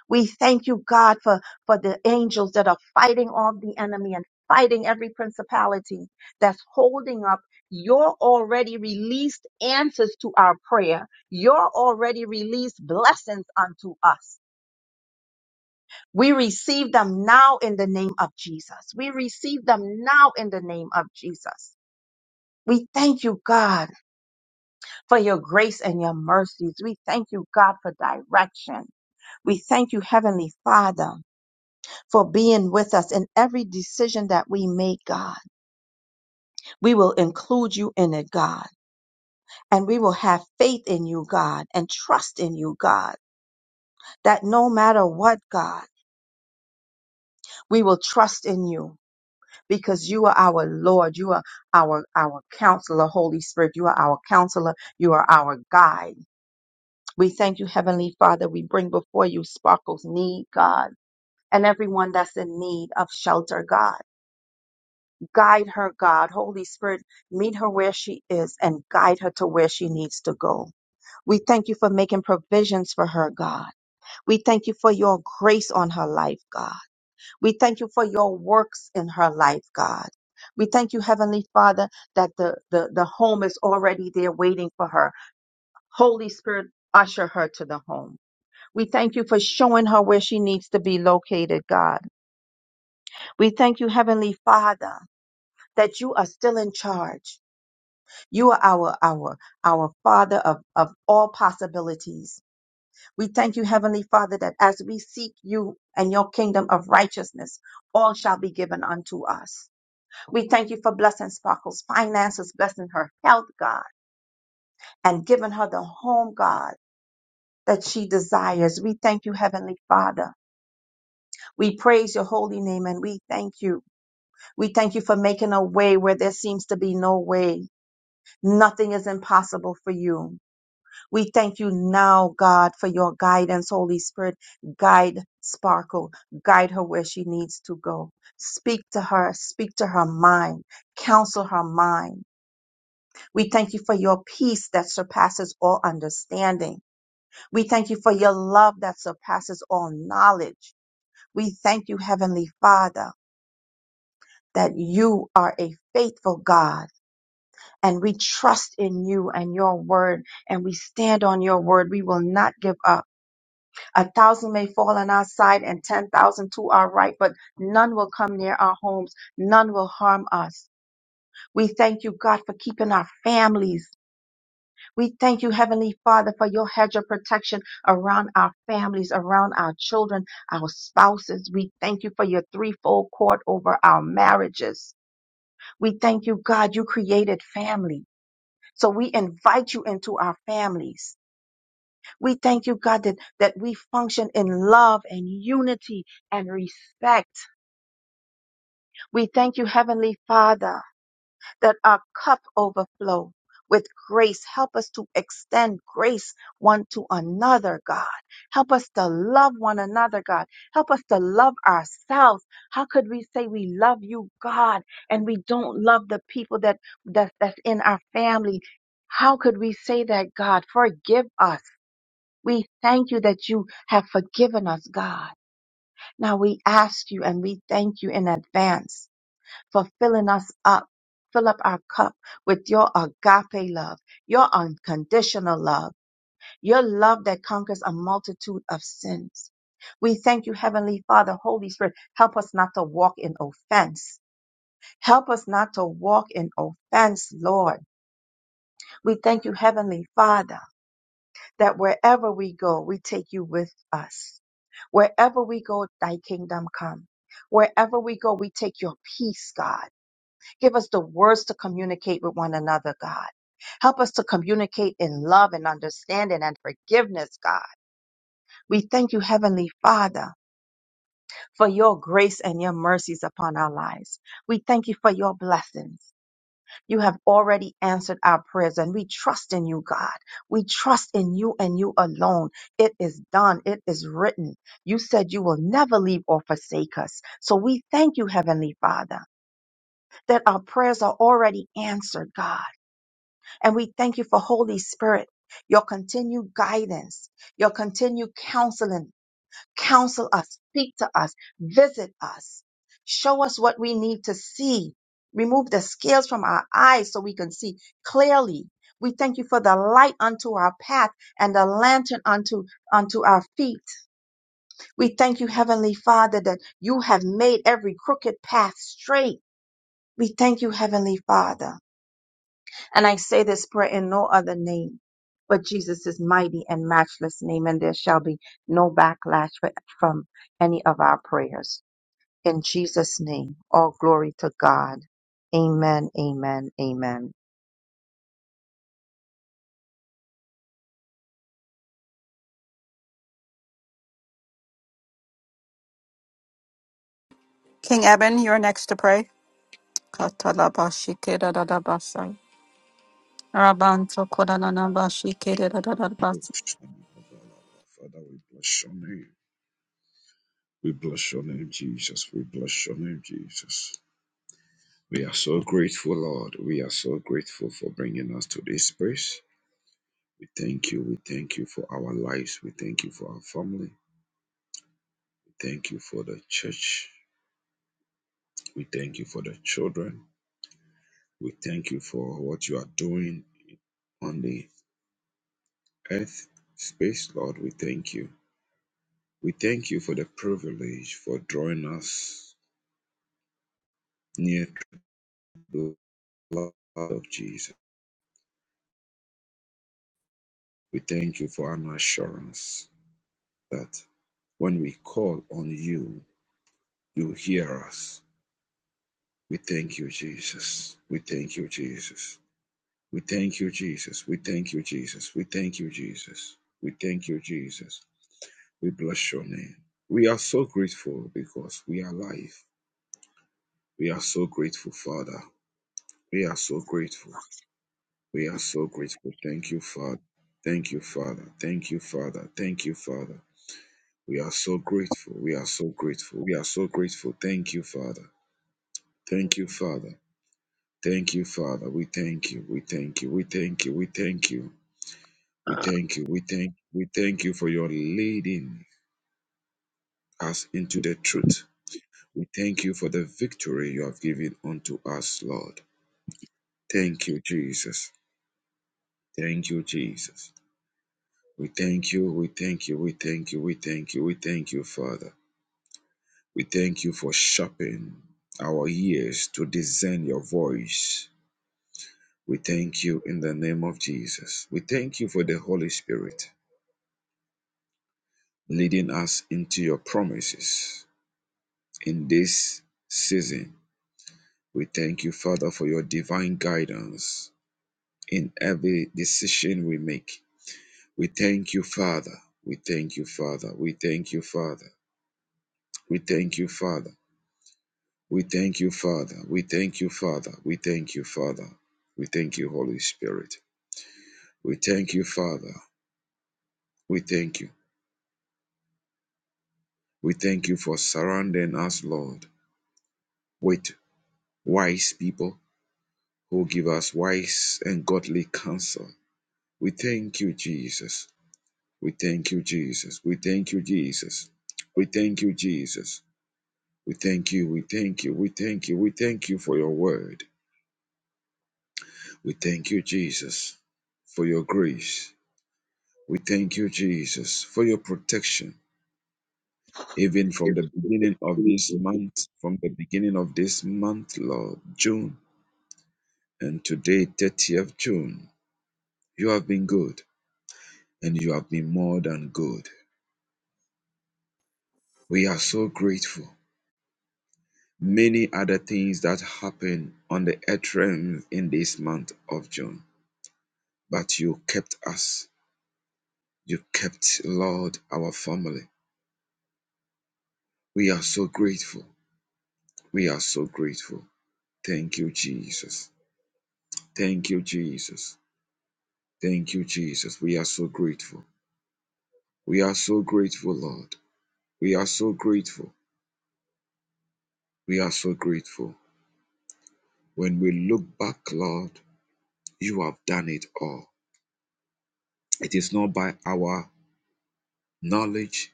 C: We thank you, God, for, for the angels that are fighting off the enemy and fighting every principality that's holding up your already released answers to our prayer, your already released blessings unto us. We receive them now in the name of Jesus. We receive them now in the name of Jesus. We thank you, God, for your grace and your mercies. We thank you, God, for direction. We thank you, Heavenly Father for being with us in every decision that we make, God. We will include you in it, God. And we will have faith in you, God, and trust in you, God, that no matter what, God, we will trust in you because you are our Lord. You are our, our counselor, Holy Spirit. You are our counselor. You are our guide. We thank you, Heavenly Father. We bring before you Sparkle's need, God, and everyone that's in need of shelter, God. Guide her, God. Holy Spirit, meet her where she is and guide her to where she needs to go. We thank you for making provisions for her, God. We thank you for your grace on her life, God. We thank you for your works in her life, God. We thank you, Heavenly Father, that the, the, the home is already there waiting for her. Holy Spirit, usher her to the home. We thank you for showing her where she needs to be located, God. We thank you, Heavenly Father, that you are still in charge. You are our our our Father of, of all possibilities. We thank you, Heavenly Father, that as we seek you and your kingdom of righteousness, all shall be given unto us. We thank you for blessing Sparkle's finances, blessing her health, God, and giving her the home, God, that she desires. We thank you, Heavenly Father. We praise your holy name and we thank you. We thank you for making a way where there seems to be no way. Nothing is impossible for you. We thank you now, God, for your guidance, Holy Spirit. Guide Sparkle, guide her where she needs to go. Speak to her, speak to her mind, counsel her mind. We thank you for your peace that surpasses all understanding. We thank you for your love that surpasses all knowledge. We thank you, Heavenly Father, that you are a faithful God and we trust in you and your word and we stand on your word. We will not give up. A thousand may fall on our side and 10,000 to our right, but none will come near our homes. None will harm us. We thank you, God, for keeping our families. We thank you, Heavenly Father, for your hedge of protection around our families, around our children, our spouses. We thank you for your threefold cord over our marriages. We thank you, God, you created family. So we invite you into our families. We thank you, God, that, that we function in love and unity and respect. We thank you, Heavenly Father, that our cup overflows with grace. Help us to extend grace one to another, God. Help us to love one another, God. Help us to love ourselves. How could we say we love you, God, and we don't love the people that, that that's in our family? How could we say that, God? Forgive us. We thank you that you have forgiven us, God. Now we ask you and we thank you in advance for filling us up. Fill up our cup with your agape love, your unconditional love, your love that conquers a multitude of sins. We thank you, Heavenly Father, Holy Spirit. Help us not to walk in offense. Help us not to walk in offense, Lord. We thank you, Heavenly Father. that wherever we go, we take you with us. Wherever we go, thy kingdom come. Wherever we go, we take your peace, God. Give us the words to communicate with one another, God. Help us to communicate in love and understanding and forgiveness, God. We thank you, Heavenly Father, for your grace and your mercies upon our lives. We thank you for your blessings. You have already answered our prayers and we trust in you, God. We trust in you and you alone. It is done. It is written. You said you will never leave or forsake us. So we thank you, Heavenly Father, that our prayers are already answered, God. And we thank you for Holy Spirit, your continued guidance, your continued counseling counsel us, speak to us, visit us, show us what we need to see, remove the scales from our eyes so we can see clearly. We thank you for the light unto our path and the lantern unto, unto our feet. We thank you, Heavenly Father, that you have made every crooked path straight. We thank you, Heavenly Father. And I say this prayer in no other name but Jesus' mighty and matchless name, and there shall be no backlash fr- from any of our prayers. In Jesus' name, all glory to God. Amen, amen, amen.
B: King Eben, you're next to pray. Katalabashikeradadabasa.
D: Father,
B: Rabantokodananabashikeradadadabasa.
D: we bless your name. We bless your name, Jesus. We bless your name, Jesus. We are so grateful, Lord. We are so grateful for bringing us to this place. We thank you. We thank you for our lives. We thank you for our family. We thank you for the church. We thank you for the children. We thank you for what you are doing on the earth space, Lord. We thank you. We thank you for the privilege for drawing us near to you. blood of Jesus. We thank you for an assurance that when we call on you, you hear us. We thank you, Jesus. We thank you, Jesus. We thank you, Jesus. We thank you, Jesus. We thank you, Jesus. We thank you, Jesus. We bless your name. We are so grateful because we are alive. We are so grateful, Father. We are so grateful. We are so grateful. Thank you, Father. Thank you, Father. Thank you, Father. Thank you, Father. We are so grateful. We are so grateful. We are so grateful. Thank you, Father. Thank you, Father. Thank you, Father. We thank you. We thank you. We thank you. We thank you. We thank you. We thank we thank you for your leading us into the truth. We thank you for the victory you have given unto us, Lord. Thank you, Jesus. Thank you, Jesus. We thank you. We thank you. We thank you. We thank you. We thank you, Father. We thank you for sharpening our ears to discern your voice. We thank you in the name of Jesus. We thank you for the Holy Spirit leading us into your promises in this season. We thank you, Father, for your divine guidance in every decision we make. We thank you, Father. We thank you, Father. We thank you, Father. We thank you, Father. We thank you, Father. We thank you, Father. We thank you, Father. We thank you, Holy Spirit. We thank you, Father. We thank you. We thank you for surrounding us, Lord, with wise people who give us wise and godly counsel. We thank you, Jesus. We thank you, Jesus. We thank you, Jesus. We thank you, Jesus. We thank you. We thank you. We thank you. We thank you for your word. We thank you, Jesus, for your grace. We thank you, Jesus, for your protection, even from the beginning of this month, from the beginning of this month, Lord, June, and today, 30th June. You have been good, and you have been more than good. We are so grateful. Many other things that happened on the earth realm in this month of June, but you kept us. You kept, Lord, our family. We are so grateful. We are so grateful. Thank you, Jesus. Thank you, Jesus. Thank you, Jesus. We are so grateful. We are so grateful, Lord. We are so grateful. We are so grateful. When we look back, Lord, you have done it all. It is not by our knowledge,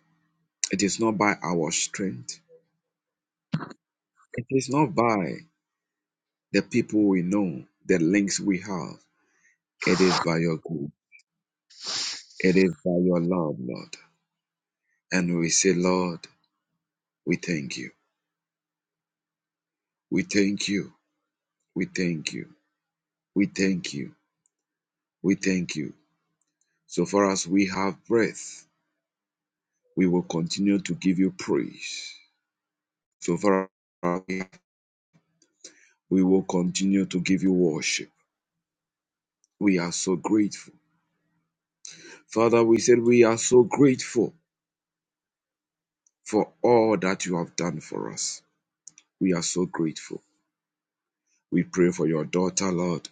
D: it is not by our strength, it is not by the people we know, the links we have. It is by your grace, it is by your love, Lord. And we say, Lord, we thank you. We thank you. We thank you. We thank you. We thank you. So far as we have breath, we will continue to give you praise. So far as we have- we will continue to give you worship. We are so grateful. Father, we said we are so grateful for all that you have done for us. We are so grateful. We pray for your daughter, Lord.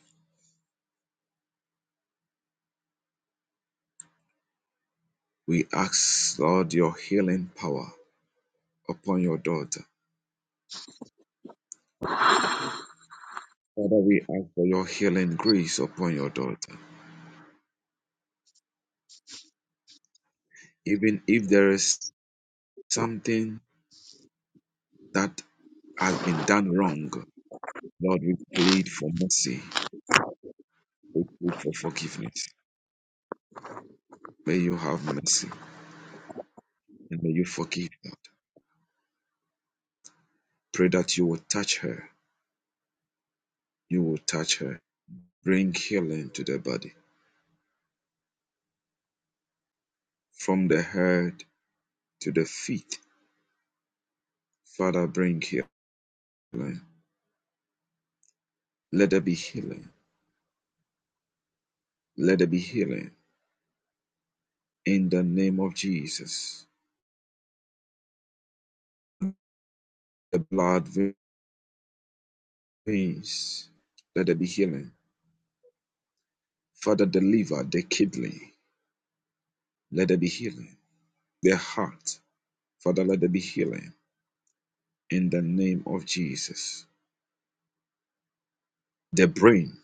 D: We ask, Lord, your healing power upon your daughter. Father, we ask for your healing grace upon your daughter. Even if there is something that has been done wrong, Lord, we plead for mercy. We plead for forgiveness. May you have mercy and may you forgive Lord. Pray that you will touch her. You will touch her. Bring healing to the body from the head to the feet. Father, bring healing. Let there be healing. Let there be healing in the name of Jesus. The blood veins. Let there be healing. Father, deliver the kidney. Let there be healing. The heart. Father, let there be healing in the name of Jesus. The brain,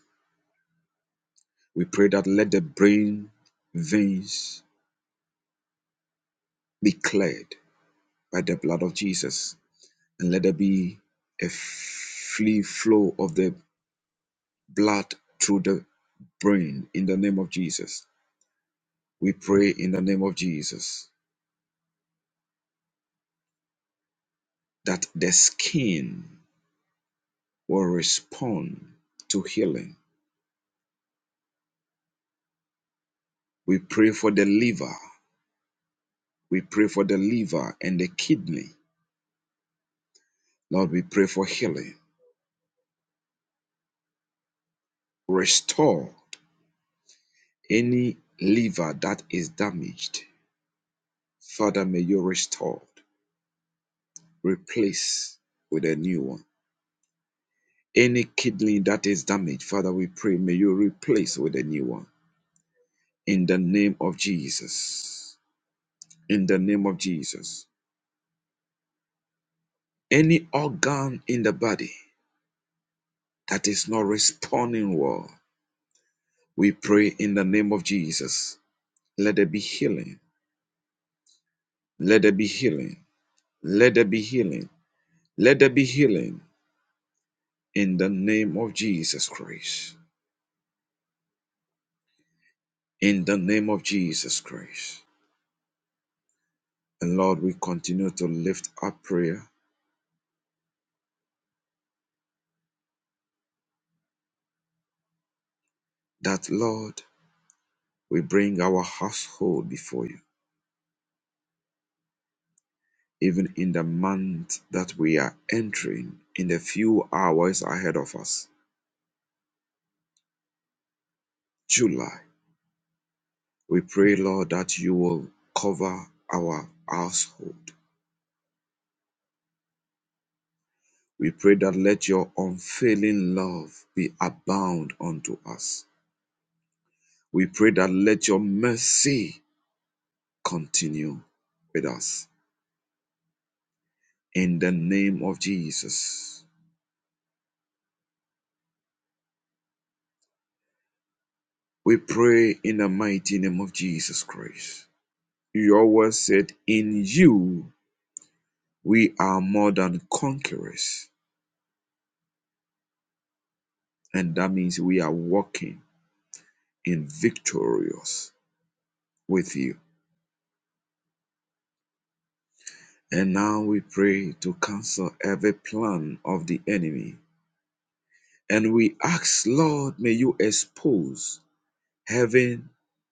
D: we pray that let the brain veins be cleared by the blood of Jesus and let there be a free flow of the blood through the brain in the name of Jesus. We pray in the name of Jesus that the skin will respond to healing. We pray for the liver. We pray for the liver and the kidney. Lord, we pray for healing. Restore any liver that is damaged. Father, may you restore, replace with a new one. Any kidney that is damaged, Father, we pray, may you replace with a new one. In the name of Jesus. In the name of Jesus. Any organ in the body that is not responding well, we pray in the name of Jesus. Let there be healing. Let there be healing. Let there be healing. Let there be healing. in the name of Jesus Christ. In the name of Jesus Christ. And Lord, we continue to lift up prayer that, Lord, we bring our household before you, even in the month that we are entering, in the few hours ahead of us, July. We pray, Lord, that you will cover our household. We pray that let your unfailing love be abound unto us. We pray that let your mercy continue with us. In the name of Jesus, we pray in the mighty name of Jesus Christ. Your word said, In you we are more than conquerors. And that means we are walking in victorious with you. And now we pray to cancel every plan of the enemy. And we ask, Lord, may you expose having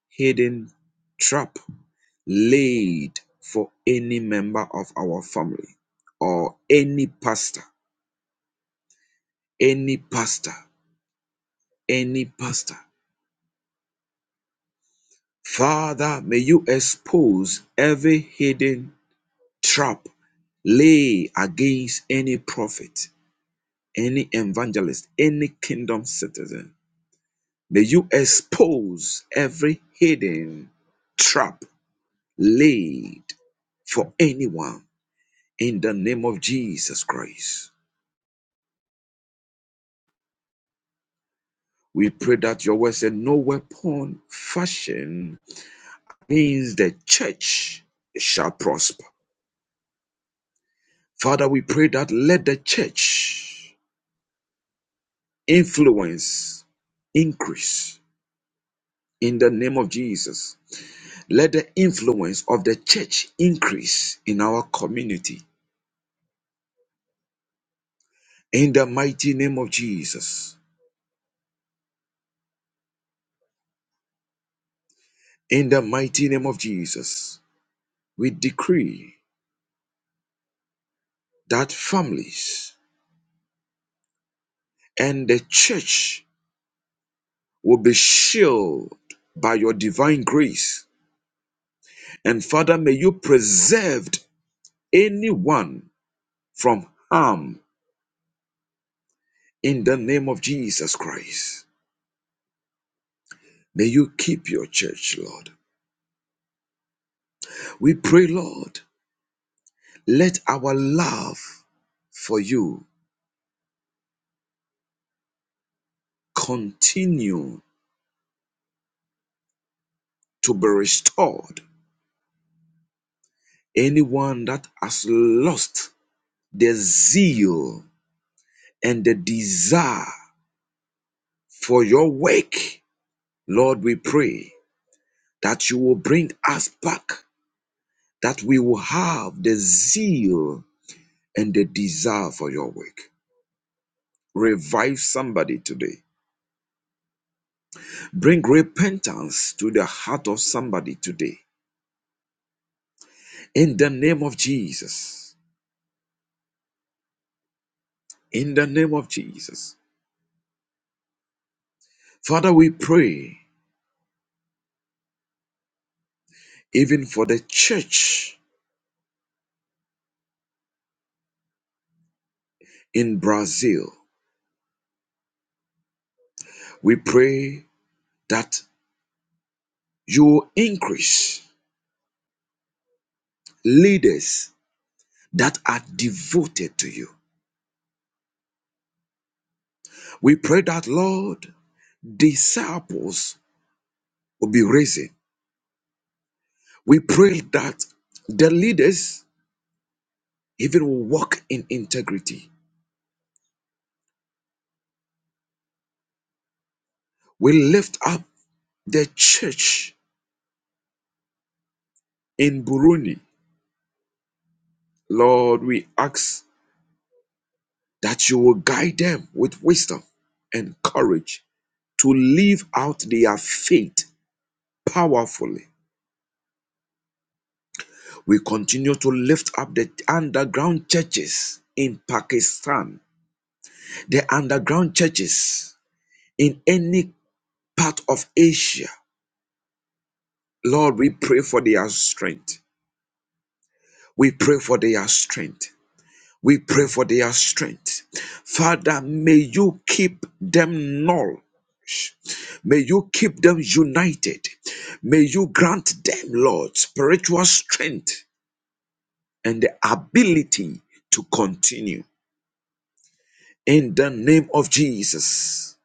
D: hidden trap laid for any member of our family or any pastor, any pastor, any pastor. Father, may you expose every hidden trap laid against any prophet, any evangelist, any kingdom citizen. May you expose every hidden trap laid for anyone In the name of Jesus Christ, we pray that your word said, No weapon fashioned means the church shall prosper. Father, we pray that let the church influence increase in the name of Jesus. Let the influence of the church increase in our community in the mighty name of Jesus. In the mighty name of Jesus, we decree that families and the church will be shielded by your divine grace. And Father, may you preserve anyone from harm in the name of Jesus Christ. May you keep your church, Lord. We pray, Lord, let our love for you continue to be restored. Anyone that has lost the zeal and the desire for your work, Lord, we pray that you will bring us back, that we will have the zeal and the desire for your work. Revive somebody today. Bring repentance to the heart of somebody today. In the name of Jesus. In the name of Jesus. Father, we pray even for the church in Brazil. We pray that you will increase leaders that are devoted to you. We pray that, Lord, disciples will be raising. We pray that the leaders even will walk in integrity. We lift up the church in Burundi. Lord, we ask that you will guide them with wisdom and courage to live out their faith powerfully. We continue to lift up the underground churches in Pakistan, the underground churches in any part of Asia Lord, we pray for their strength. We pray for their strength. We pray for their strength. Father, may you keep them null. May you keep them united. May you grant them, Lord, spiritual strength and the ability to continue. In the name of Jesus,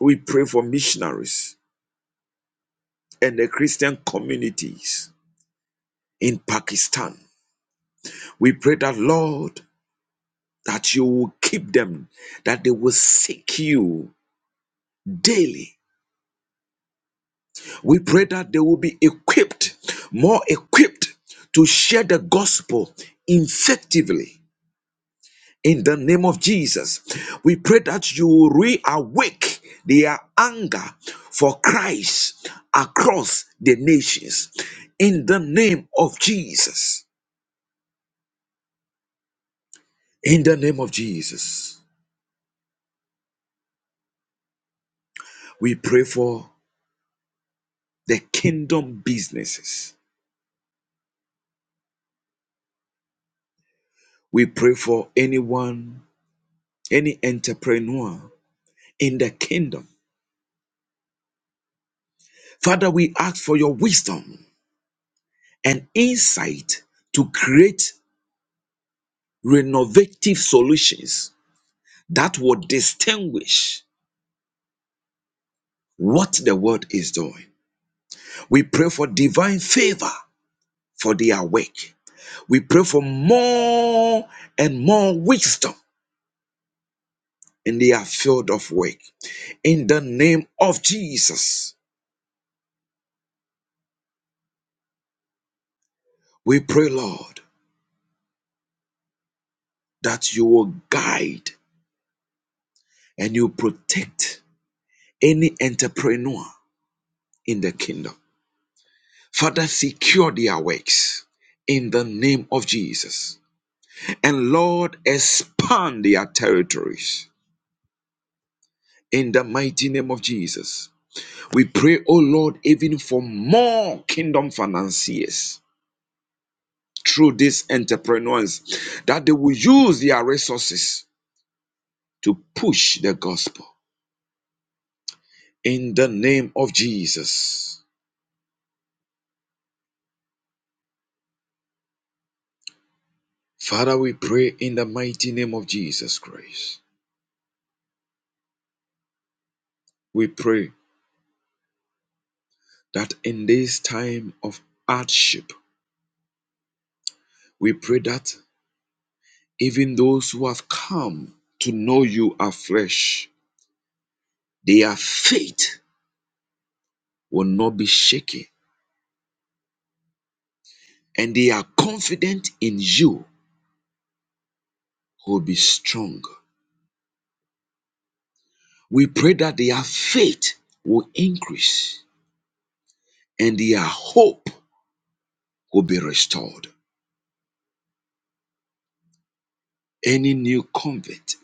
D: we pray for missionaries and the Christian communities in Pakistan. We pray that, Lord, that you will keep them, that they will seek you daily. We pray that they will be equipped, more equipped to share the gospel effectively. In the name of Jesus, we pray that you will reawake their anger for Christ across the nations. In the name of Jesus, in the name of Jesus, we pray for the kingdom businesses We pray for anyone, any entrepreneur in the kingdom. Father, we ask for your wisdom and insight to create renovative solutions that will distinguish what the world is doing. We pray for divine favor for their work. We pray for more and more wisdom in their field of work. In the name of Jesus, we pray, Lord, that you will guide and you protect any entrepreneur in the kingdom. Father, secure their works in the name of Jesus. And Lord, expand their territories in the mighty name of Jesus. We pray, oh Lord, even for more kingdom financiers through these entrepreneurs that they will use their resources to push the gospel in the name of Jesus. Father, we pray in the mighty name of Jesus Christ. We pray that in this time of hardship, we pray that even those who have come to know you afresh, their faith will not be shaken and they are confident in you will be strong. We pray that their faith will increase and their hope will be restored. Any new convert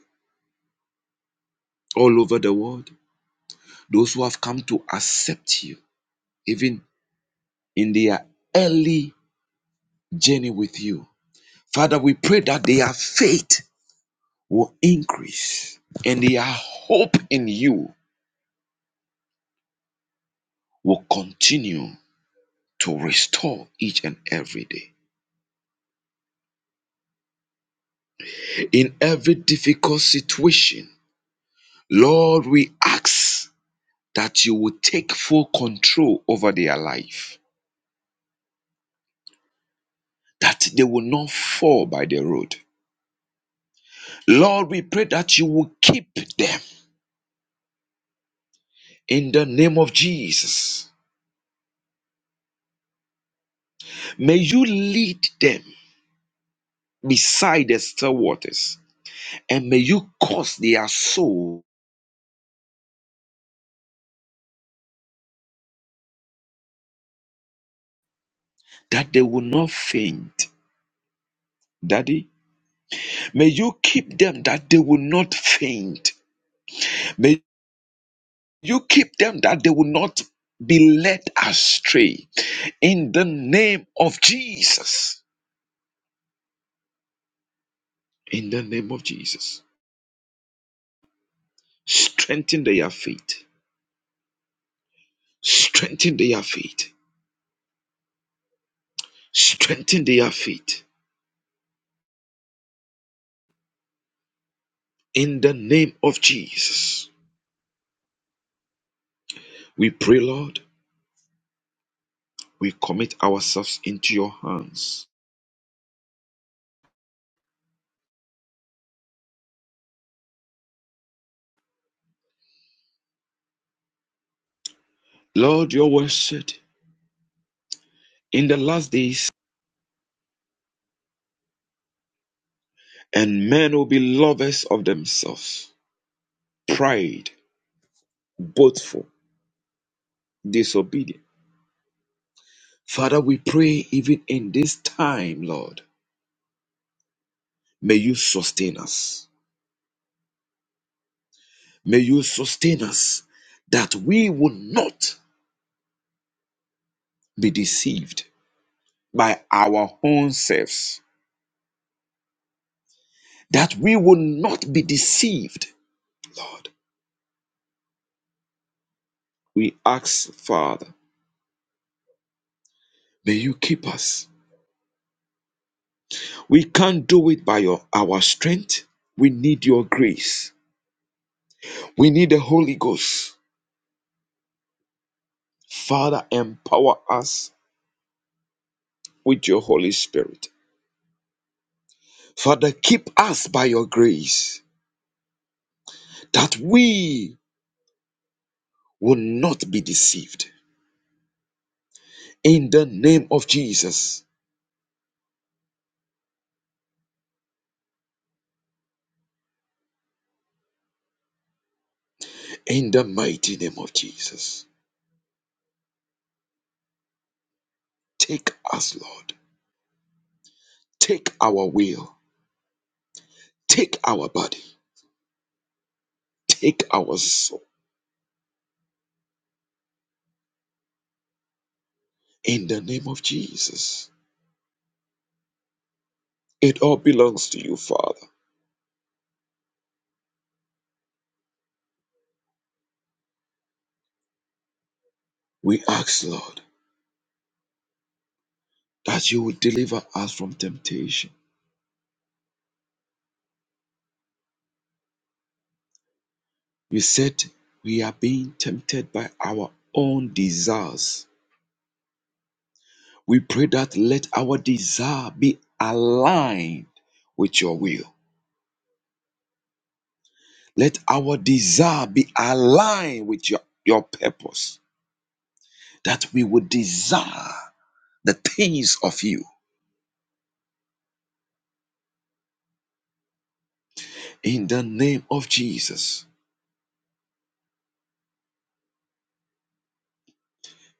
D: all over the world, those who have come to accept you, even in their early journey with you. Father, we pray that their faith will increase and their hope in you will continue to restore each and every day. In every difficult situation, Lord, we ask that you will take full control over their life, that they will not fall by the road. Lord, we pray that you will keep them in the name of Jesus. May you lead them beside the still waters, and may you cause their soul that they will not faint. Daddy, may you keep them that they will not faint. May you keep them that they will not be led astray. In the name of Jesus. In the name of Jesus. Strengthen their faith. Strengthen their faith. Strengthen their faith In the name of Jesus, we pray, Lord, we commit ourselves into your hands. Lord, your word said, in the last days, and men will be lovers of themselves, pride, boastful, disobedient. Father, we pray even in this time, Lord, may you sustain us. May you sustain us that we will not be deceived by our own selves, that we will not be deceived, Lord We ask, Father, may you keep us. We can't do it by your, our strength. We need your grace. We need the Holy Ghost. Father, empower us with your Holy Spirit. Father, keep us by your grace that we will not be deceived. In the name of Jesus, in the mighty name of Jesus, take us, Lord. Take our will, take our body, take our soul. In the name of Jesus. It all belongs to you, Father. We ask, Lord, that you would deliver us from temptation. You said we are being tempted by our own desires. We pray that let our desire be aligned with your will. Let our desire be aligned with your, your purpose, that we would desire the things of you. In the name of Jesus,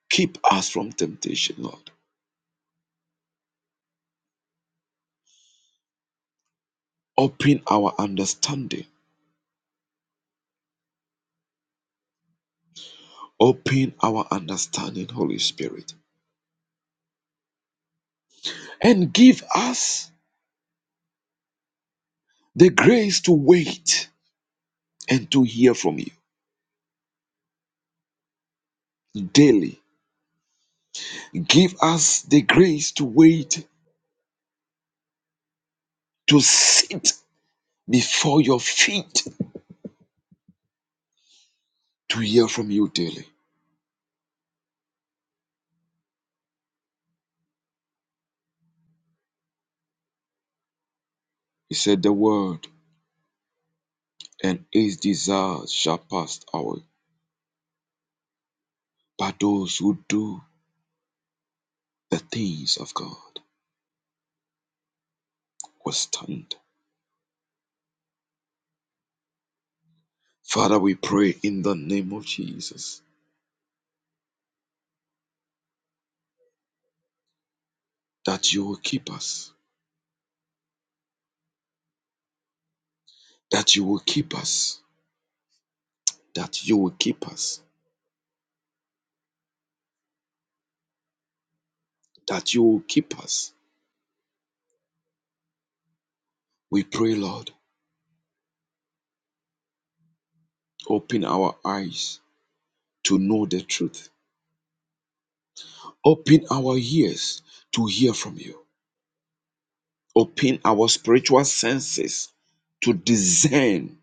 D: keep us from temptation, Lord. Open our understanding Open our understanding, Holy Spirit, and give us the grace to wait and to hear from you daily. Give us the grace to wait, to sit before your feet, to hear from you daily. He said the word, and its desires shall pass away, but those who do the things of God will stand. Father, we pray in the name of Jesus that you will keep us, that you will keep us that you will keep us, that you will keep us. We pray, Lord, open our eyes to know the truth, open our ears to hear from you, open our spiritual senses to discern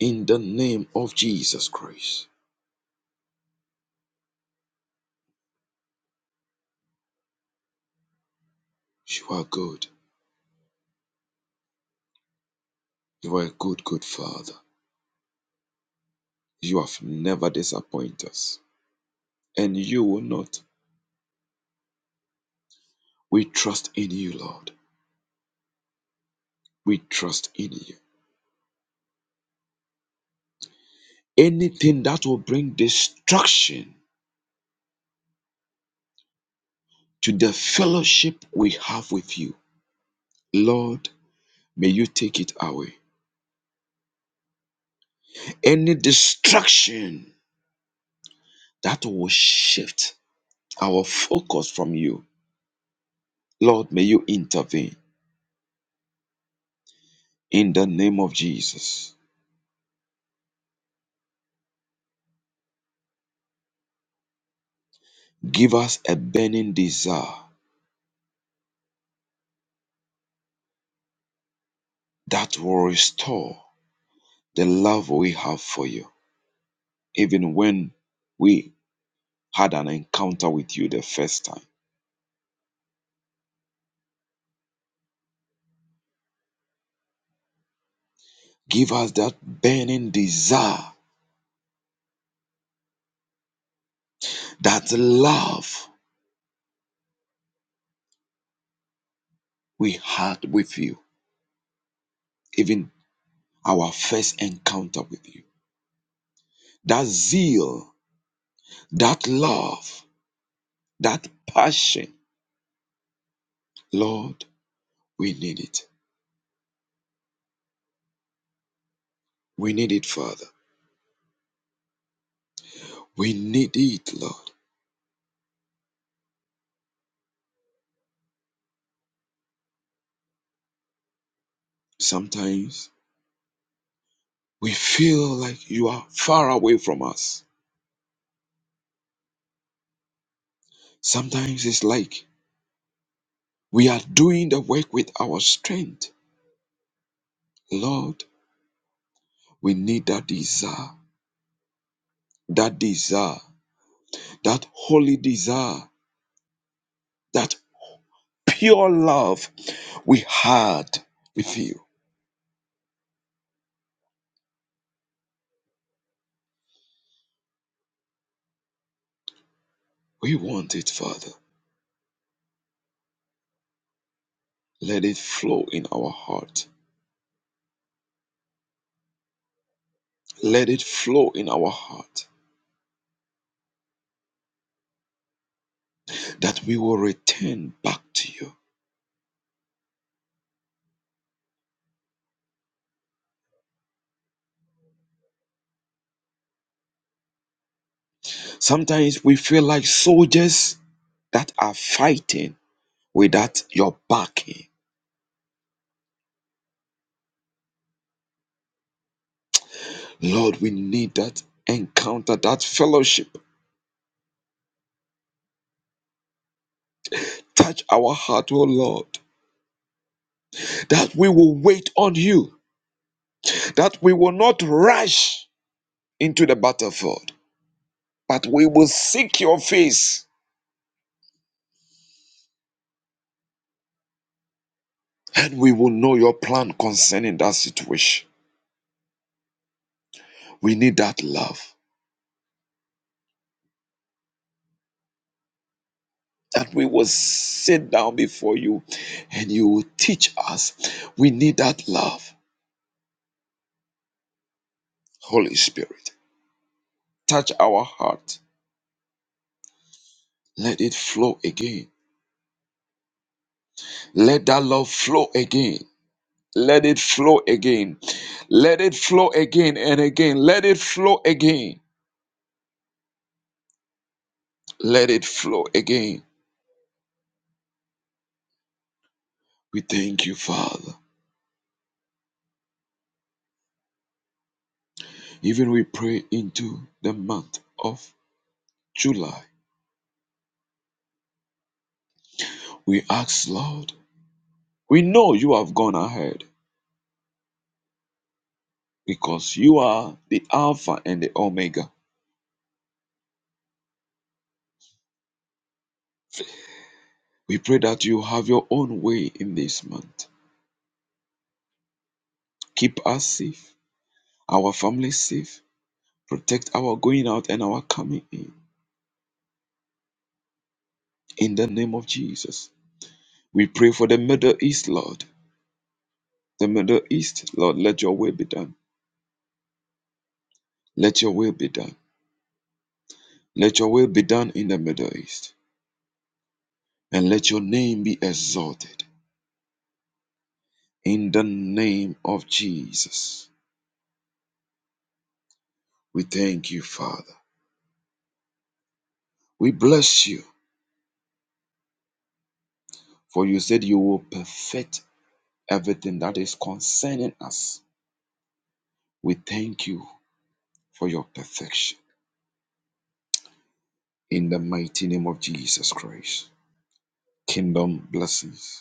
D: in the name of Jesus Christ. You are good. You are a good, good Father. You have never disappointed us, and you will not. We trust in you, Lord. We trust in you. Anything that will bring destruction to the fellowship we have with you. Lord, may you take it away. Any distraction that will shift our focus from you, Lord, may you intervene in the name of Jesus. Give us a burning desire that will restore the love we have for you, even when we had an encounter with you the first time. Give us that burning desire, that love we had with you even our first encounter with you. That zeal, that love, that passion, Lord, we need it. We need it, Father. We need it, Lord. Sometimes we feel like you are far away from us. Sometimes it's like we are doing the work with our strength. Lord, we need that desire, that desire, that holy desire, that pure love we had with you. We want it, Father. Let it flow in our heart. Let it flow in our heart that we will return back to you. Sometimes we feel like soldiers that are fighting without your backing. Lord, we need that encounter, that fellowship. Touch our heart, oh Lord, that we will wait on you, that we will not rush into the battlefield, but we will seek your face And we will know your plan concerning that situation. We need that love. That we will sit down before you and you will teach us. We need that love. Holy Spirit, touch our heart. Let it flow again. Let that love flow again. Let it flow again. Let it flow again and again. Let it flow again. Let it flow again. We thank you, Father. Even we pray into the month of July. We ask, Lord, we know you have gone ahead because you are the Alpha and the Omega. We pray that you have your own way in this month. Keep us safe, our family safe, protect our going out and our coming in. In the name of Jesus, we pray for the Middle East, Lord. The Middle East, Lord, let your will be done. Let your will be done. Let your will be done in the Middle East. And let your name be exalted. In the name of Jesus. We thank you, Father. We bless you, for you said you will perfect everything that is concerning us. We thank you for your perfection in the mighty name of Jesus Christ. Kingdom blessings.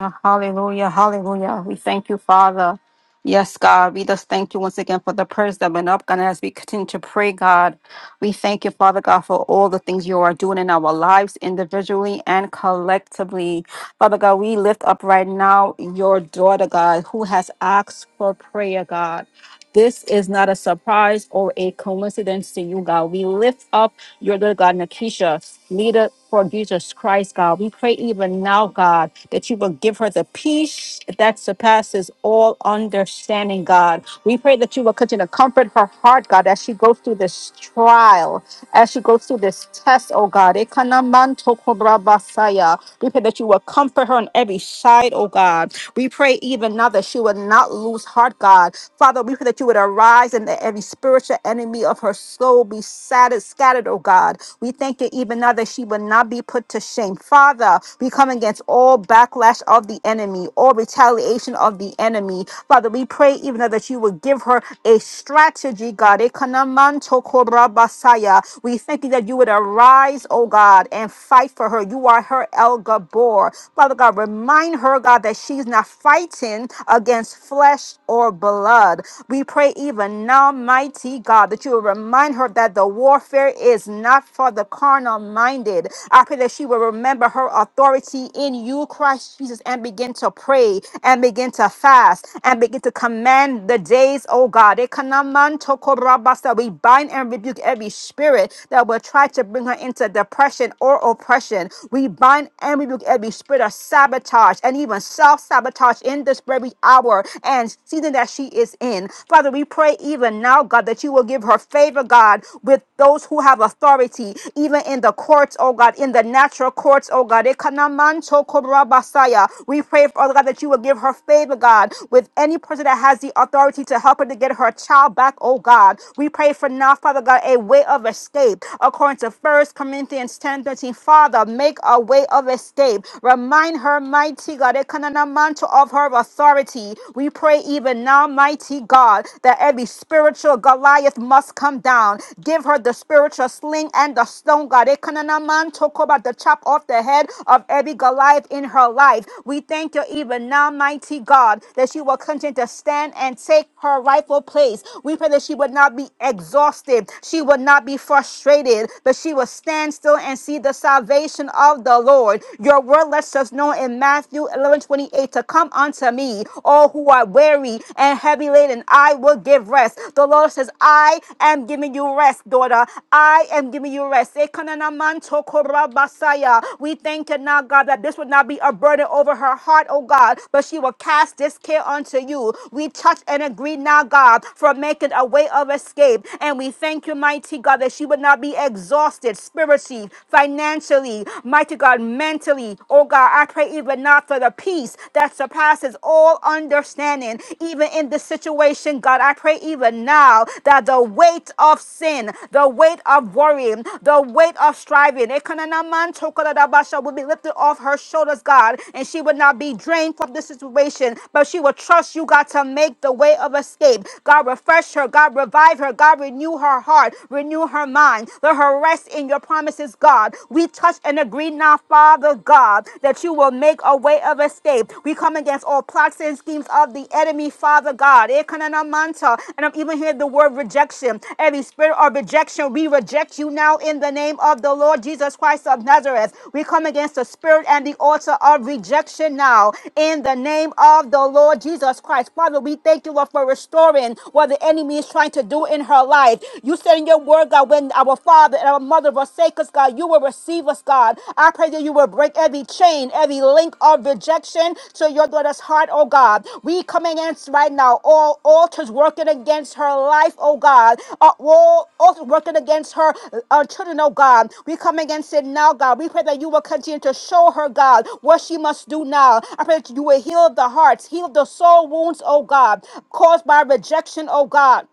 B: Uh, Hallelujah, hallelujah. We thank you, Father. Yes, God, we just thank you once again for the prayers that have been up. God, and as we continue to pray, God, we thank you, Father God, for all the things you are doing in our lives individually and collectively. Father God, we lift up right now your daughter, God, who has asked for prayer, God. This is not a surprise or a coincidence to you, God. We lift up your little God, Nakisha, leader for Jesus Christ, God. We pray even now, God, that you will give her the peace that surpasses all understanding, God. We pray that you will continue to comfort her heart, God, as she goes through this trial, as she goes through this test, oh God. Ekanamantokobrabasaya. We pray that you will comfort her on every side, oh God. We pray even now that she will not lose daughter's heart, God. Father, we pray that you would arise and that every spiritual enemy of her soul be scattered, scattered, oh God. We thank you even now that she will not be put to shame. Father, we come against all backlash of the enemy, all retaliation of the enemy. Father, we pray even now that you would give her a strategy, God. Ekanamanto korabasaya. We thank you that you would arise, oh God, and fight for her. You are her El Gabor. Father God, remind her, God, that she's not fighting fighting against flesh or blood. We pray even now, mighty God, that you will remind her that the warfare is not for the carnal minded. I pray that she will remember her authority in you, Christ Jesus, and begin to pray and begin to fast and begin to command the days, oh God. Ekanamantokorabasa. We bind and rebuke every spirit that will try to bring her into depression or oppression. We bind and rebuke every spirit of sabotage and and even self sabotage in this very hour and season that she is in. Father, we pray even now, God, that you will give her favor, God, with those who have authority, even in the courts, oh God, in the natural courts, oh God. Ekanamanto korabasaya. We pray, Father God, that you will give her favor, God, with any person that has the authority to help her to get her child back, oh God. We pray for now, Father God, a way of escape. According to First Corinthians ten thirteen. Father, make a way of escape Remind her, mighty God, Ekananamanto, of her authority. We pray even now, mighty God, that every spiritual Goliath must come down. Give her the spiritual sling and the stone, God. Ekananamanto, koba, The chop off the head of every Goliath in her life. We thank you even now, mighty God, that she will continue to stand and take her rightful place. We pray that she would not be exhausted. She would not be frustrated, but she will stand still and see the salvation salvation of the Lord. Your word lets us know in Matthew 11 28 to come unto me, all who are weary and heavy laden, I will give rest. The Lord says, I am giving you rest, daughter. I am giving you rest. Ekananamantokorabasaya. We thank you now, God, that this would not be a burden over her heart, oh God, but she will cast this care unto you. We touch and agree now, God, for making a way of escape. And we thank you, mighty God, that she would not be exhausted spiritually receive financially, mighty God, mentally. Oh God, I pray even now for the peace that surpasses all understanding, even in this situation, God. I pray even now that the weight of sin, the weight of worrying, the weight of striving, Ekananamantokodadabasha, will be lifted off her shoulders, God, and she would not be drained from this situation, but she will trust you, God, to make the way of escape. God, refresh her. God, revive her. God, renew her heart, renew her mind find the harassed in your promises, God. We touch and agree now, Father God, that you will make a way of escape. We come against all plots and schemes of the enemy, Father God. Ekananamanta. And I'm even hearing the word rejection. Every spirit of rejection, we reject you now in the name of the Lord Jesus Christ of Nazareth. We come against the spirit and the altar of rejection now in the name of the Lord Jesus Christ. Father, we thank you, Lord, for restoring what the enemy is trying to do in her life. You said in your word, God, when our father and our mother forsake us, God, you will receive us, God. I pray that you will break every chain, every link of rejection to your daughter's heart, oh God. We come against right now all altars working against her life, oh God. Uh, all altars working against her uh, children, oh God. We come against it now, God. We pray that you will continue to show her, God, what she must do now. I pray that you will heal the hearts, heal the soul wounds, oh God, caused by rejection, oh God.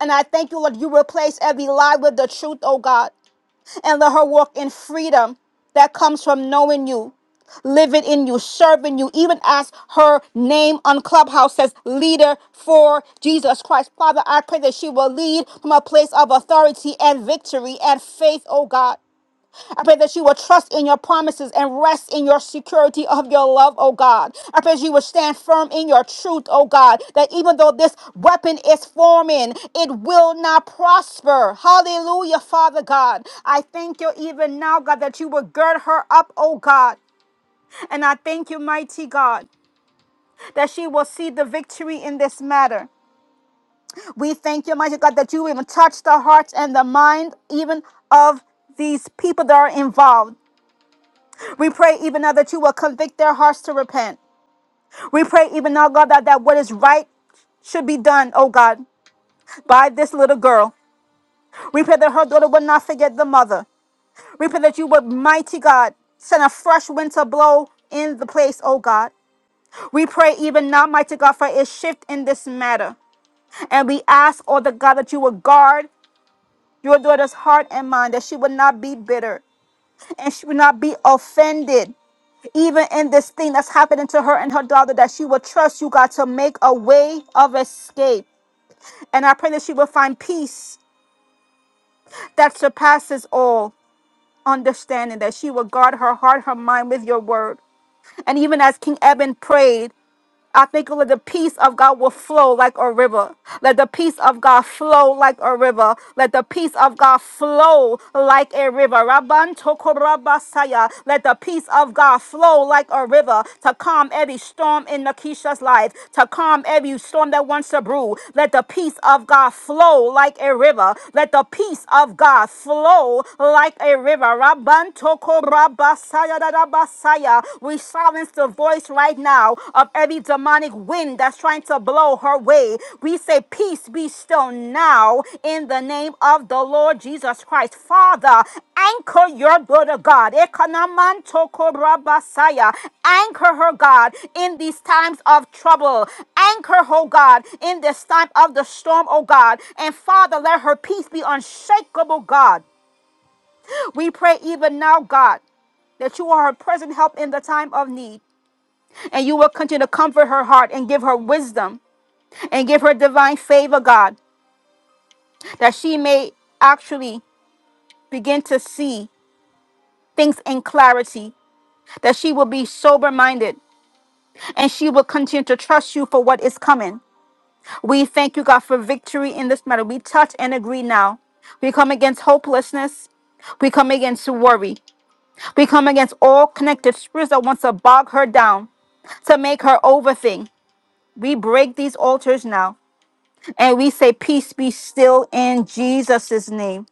B: And I thank you, Lord, you replace every lie with the truth, oh God, and let her walk in freedom that comes from knowing you, living in you, serving you, even as her name on Clubhouse says, leader for Jesus Christ. Father, I pray that she will lead from a place of authority and victory and faith, oh God. I pray that you will trust in your promises and rest in your security of your love, oh God. I pray that you will stand firm in your truth, oh God, that even though this weapon is forming, it will not prosper. Hallelujah, Father God. I thank you even now, God, that you will gird her up, oh God. And I thank you, mighty God, that she will see the victory in this matter. We thank you, mighty God, that you even touch the hearts and the mind even of these people that are involved. We pray even now that you will convict their hearts to repent. We pray even now, God, that, that what is right should be done, oh God, by this little girl. We pray that her daughter will not forget the mother. We pray that you would, mighty God, send a fresh wind to blow in the place, oh God. We pray even now, mighty God, for a shift in this matter. And we ask, oh the God, that you would guard your daughter's heart and mind, that she would not be bitter and she would not be offended even in this thing that's happening to her and her daughter, that she will trust you, God, to make a way of escape. And I pray that she will find peace that surpasses all understanding, that she will guard her heart, her mind with your word. And even as King Eben prayed, I think let the peace of God will flow like a river. Let the peace of God flow like a river. Let the peace of God flow like a river. Rabban tokorabasaya. Let the peace of God flow like a river to calm every storm in Nakisha's life, to calm every storm that wants to brew. Let the peace of God flow like a river. Let the peace of God flow like a river. Rabban tokorabasaya. Basaya. We silence the voice right now of every demonic wind that's trying to blow her way. We say, Peace be still now in the name of the Lord Jesus Christ. Father, anchor your daughter, God. Ekanamantoko Ekanamantokorabasaya. Anchor her, God, in these times of trouble. Anchor, oh God, in this time of the storm, oh God. And Father, let her peace be unshakable, God. We pray even now, God, that you are her present help in the time of need, and you will continue to comfort her heart and give her wisdom and give her divine favor, God, that she may actually begin to see things in clarity, that she will be sober minded, and she will continue to trust you for what is coming. We thank you, God, for victory in this matter. We touch and agree now. We come against hopelessness. We come against worry. We come against all connected spirits that wants to bog her down. to make her overthink. We break these altars now and we say, Peace be still in Jesus' name.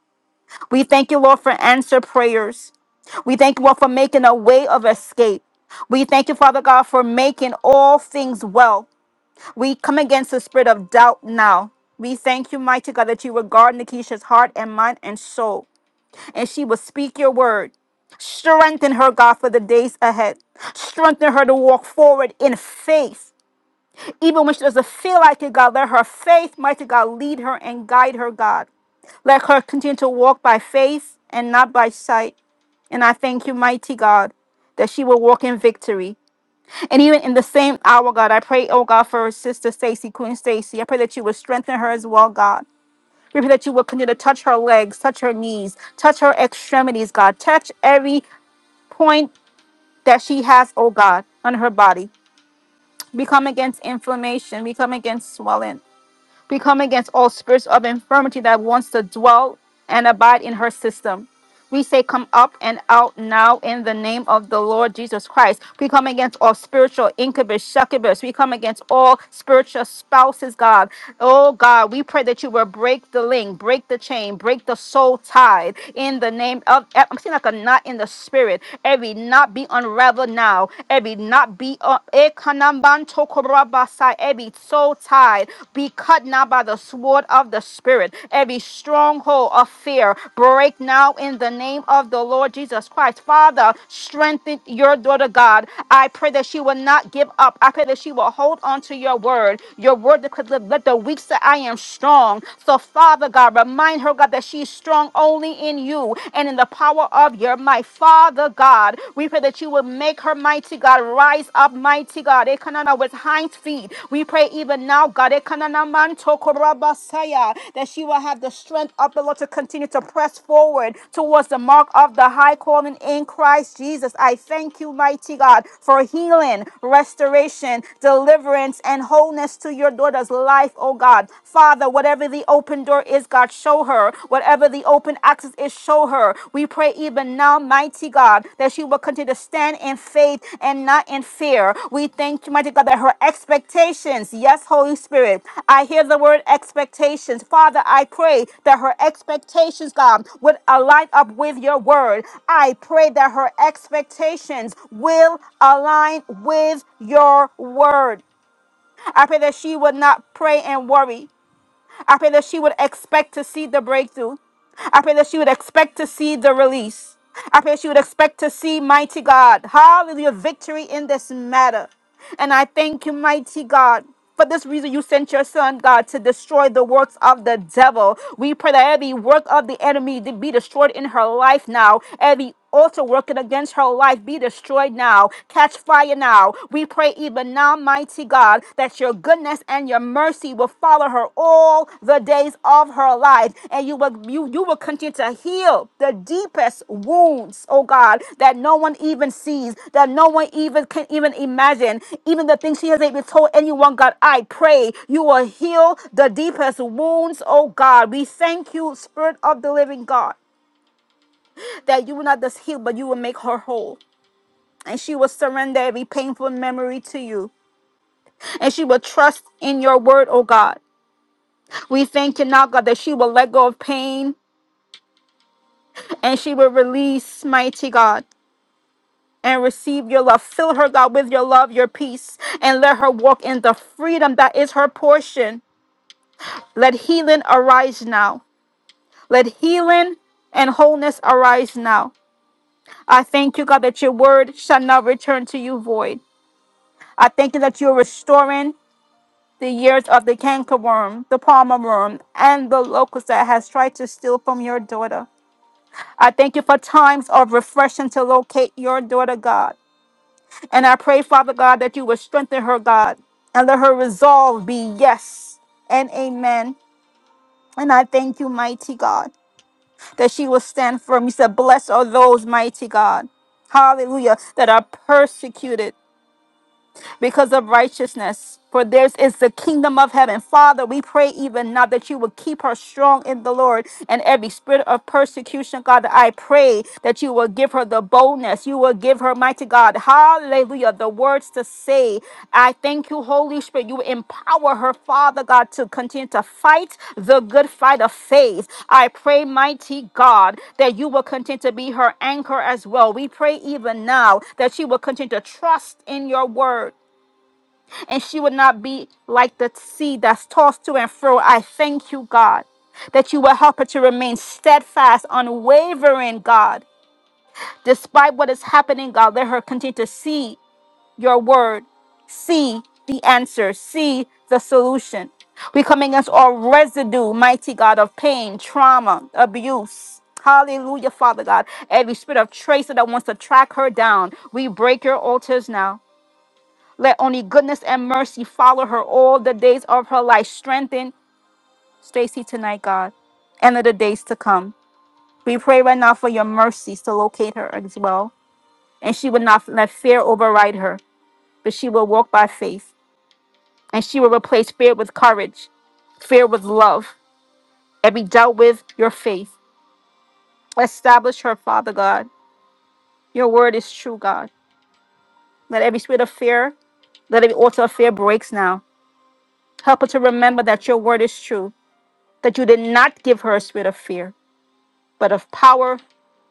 B: We thank you, Lord, for answer prayers. We thank you, Lord, for making a way of escape. We thank you, Father God, for making all things well. We come against the spirit of doubt now. We thank you, mighty God, that you regard Nikisha's heart and mind and soul, and she will speak your word. Strengthen her, God, for the days ahead. Strengthen her to walk forward in faith Even when she doesn't feel like it, God, let her faith, mighty God, lead her and guide her, God. Let her continue to walk by faith and not by sight. And I thank you, mighty God, that she will walk in victory. And even in the same hour, God, I pray, oh God, for her sister Stacy, Queen Stacy. I pray that you will strengthen her as well, God. We pray that you will continue to touch her legs, touch her knees, touch her extremities, God. Touch every point that she has, oh God, on her body. We come against inflammation. We come against swelling. We come against all spirits of infirmity that wants to dwell and abide in her system. We say, Come up and out now in the name of the Lord Jesus Christ. We come against all spiritual incubus, succubus. We come against all spiritual spouses, God. Oh, God, we pray that you will break the link, break the chain, break the soul tie in the name of. eh, I'm seeing like a knot in the spirit. Every knot be unraveled now. Every knot be. Uh, ekanambantokorabasai. every soul tie be cut now by the sword of the Spirit. Every stronghold of fear break now in the name of the Lord Jesus Christ. Father, strengthen your daughter, God. I pray that she will not give up. I pray that she will hold on to your word. Your word that could let let the weak say, I am strong. So, Father God, remind her, God, that she's strong only in you and in the power of your might. Father God, we pray that you would Make her, mighty God, rise up, mighty God. Ekanana with hind feet. We pray even now, God, Ekanana man tokorabasaya, that she will have the strength of the Lord to continue to press forward towards the mark of the high calling in Christ Jesus. I thank you, mighty God, for healing, restoration, deliverance, and wholeness to your daughter's life, oh God. Father, whatever the open door is, God, show her. Whatever the open access is, show her. We pray even now, mighty God, that she will continue to stand in faith and not in fear. We thank you, mighty God, that her expectations, yes, Holy Spirit, I hear the word expectations. Father, I pray that her expectations, God, would align up with your word. I pray that her expectations will align with your word. I pray that she would not pray and worry. I pray that she would expect to see the breakthrough. I pray that she would expect to see the release. I pray she would expect to see, mighty God, hallelujah, victory in this matter. And I thank you, mighty God. For this reason, you sent your son, God, to destroy the works of the devil. We pray that every work of the enemy to be destroyed in her life now. Every also working against her life be destroyed now. Catch fire now. We pray even now, mighty God, that your goodness and your mercy will follow her all the days of her life. And you will you, you will continue to heal the deepest wounds, oh God, that no one even sees, that no one even can even imagine. Even the things she has even told anyone, God, I pray you will heal the deepest wounds, oh God. We thank you, Spirit of the Living God that you will not just heal, but you will make her whole. And she will surrender every painful memory to you. And she will trust in your word, oh God. We thank you now, God, that she will let go of pain and she will release, mighty God, and receive your love. Fill her, God, with your love, your peace, and let her walk in the freedom that is her portion. Let healing arise now. Let healing and wholeness arise now. I thank you, God, that your word shall not return to you void. I thank you that you're restoring. the years of the cankerworm, the palmer worm, and the locust that has tried to steal from your daughter. I thank you for times of refreshing to locate your daughter, God. And I pray, Father God, that you would strengthen her, God, and let her resolve be yes and amen. And I thank you, mighty God, that she will stand firm. You said, Blessed are those, mighty God. Hallelujah, that are persecuted. because of righteousness. For theirs is the kingdom of heaven. Father, we pray even now that you would keep her strong in the Lord and every spirit of persecution, God. I pray that you will give her the boldness. You will give her, mighty God, hallelujah, the words to say. I thank you, Holy Spirit. You empower her, Father God, to continue to fight the good fight of faith. I pray, mighty God, that you will continue to be her anchor as well. We pray even now that she will continue to trust in your word and she would not be like the sea that's tossed to and fro. I thank you, God, that you will help her to remain steadfast, unwavering, God. Despite what is happening, God, let her continue to see your word, see the answer, see the solution. We come against all residue, mighty God, of pain, trauma, abuse. Hallelujah, Father God. Every spirit of tracer that wants to track her down, we break your altars now. Let only goodness and mercy follow her all the days of her life. Strengthen Stacy tonight, God, and of the days to come. We pray right now for your mercies to locate her as well. And she will not let fear override her, but she will walk by faith. And she will replace fear with courage, fear with love, and be dealt with your faith. Establish her, Father God. Your word is true, God. Let every spirit of fear, let every altar of fear breaks now. Help her to remember that your word is true that you did not give her a spirit of fear, but of power,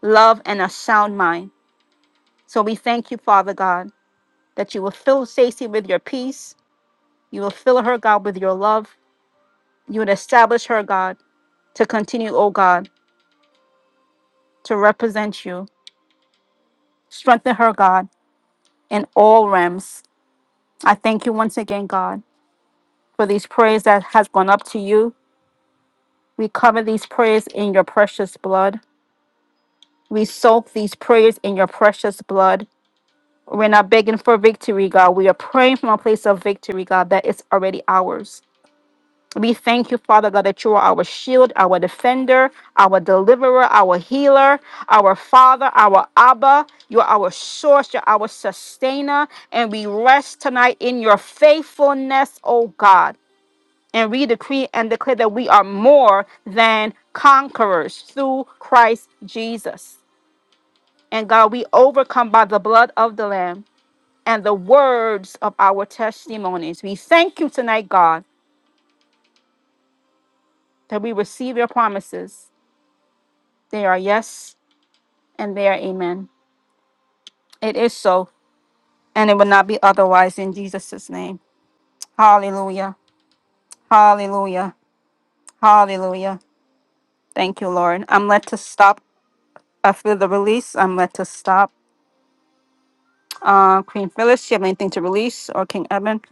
B: love, and a sound mind. So we thank you, Father God, that you will fill Stacy with your peace. You will fill her, God, with your love. You will establish her, God, to continue, oh God, to represent you. Strengthen her, God, in all realms. I thank you once again, God, for these prayers that has gone up to you. We cover these prayers in your precious blood. We soak these prayers in your precious blood. We're not begging for victory, God. We are praying from a place of victory, God, that is already ours. We thank you, Father God, that you are our shield, our defender, our deliverer, our healer, our Father, our Abba. You're our source, you're our sustainer. And we rest tonight in your faithfulness, oh God. And we decree and declare that we are more than conquerors through Christ Jesus. And God, we overcome by the blood of the Lamb and the words of our testimonies. We thank you tonight, God, that we receive your promises. They are yes and they are amen. It is so, and it will not be otherwise in Jesus' name. Hallelujah. Hallelujah. Hallelujah. Thank you, Lord. I'm led to stop after the release. I'm led to stop. Uh, Queen Phyllis, do you have anything to release or King Eben?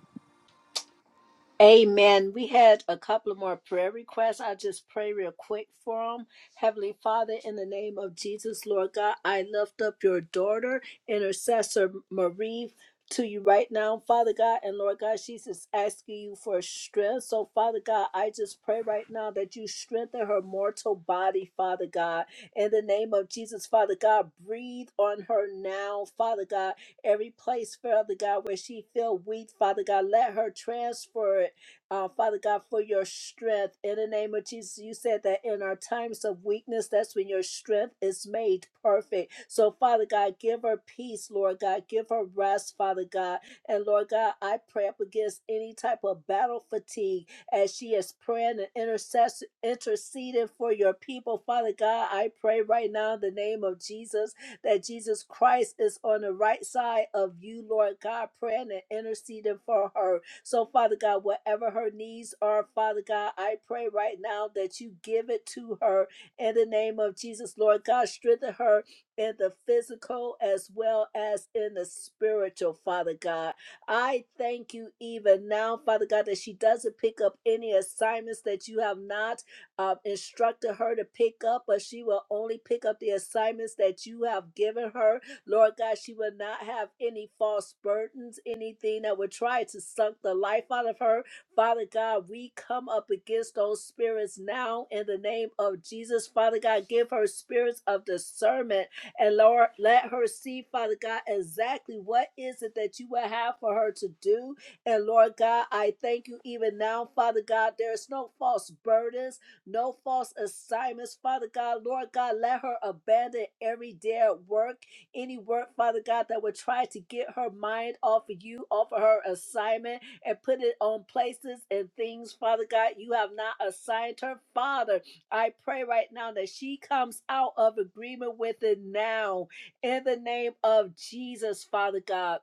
A: Amen. We had a couple of more prayer requests. I just pray real quick for them. Heavenly Father, in the name of Jesus, Lord God, I lift up your daughter, intercessor Marie. To you right now, Father God, and Lord God, she's just asking you for strength. So, Father God, I just pray right now that you strengthen her mortal body, Father God. In the name of Jesus, Father God, breathe on her now, Father God Every place, Father God, where she feel weak, Father God, let her transfer it, uh, Father God, for your strength. In the name of Jesus, you said that in our times of weakness, that's when your strength is made perfect. So, Father God, give her peace, Lord God. Give her rest, Father God. And Lord God, I pray up against any type of battle fatigue as she is praying and intercess- interceding for your people. Father God, I pray right now in the name of Jesus that Jesus Christ is on the right side of you, Lord God, praying and interceding for her. So, Father God, whatever her needs are, Father God, I pray right now that you give it to her in the name of Jesus, Lord God. Strengthen her in the physical as well as in the spiritual, Father God. I thank you even now, Father God, that she doesn't pick up any assignments that you have not uh, instructed her to pick up, but she will only pick up the assignments that you have given her. Lord God, she will not have any false burdens, anything that would try to suck the life out of her. Father God, we come up against those spirits now in the name of Jesus. Father God, give her spirits of discernment and Lord, let her see, Father God, exactly what is it that you will have for her to do. And Lord God, I thank you even now, Father God. There's no false burdens no false assignments, Father God. Lord God, let her abandon every dare work, any work, Father God, that would try to get her mind off of you, off of her assignment, and put it on places and things, Father God, you have not assigned her. Father, I pray right now that she comes out of agreement with it now in the name of Jesus, Father God.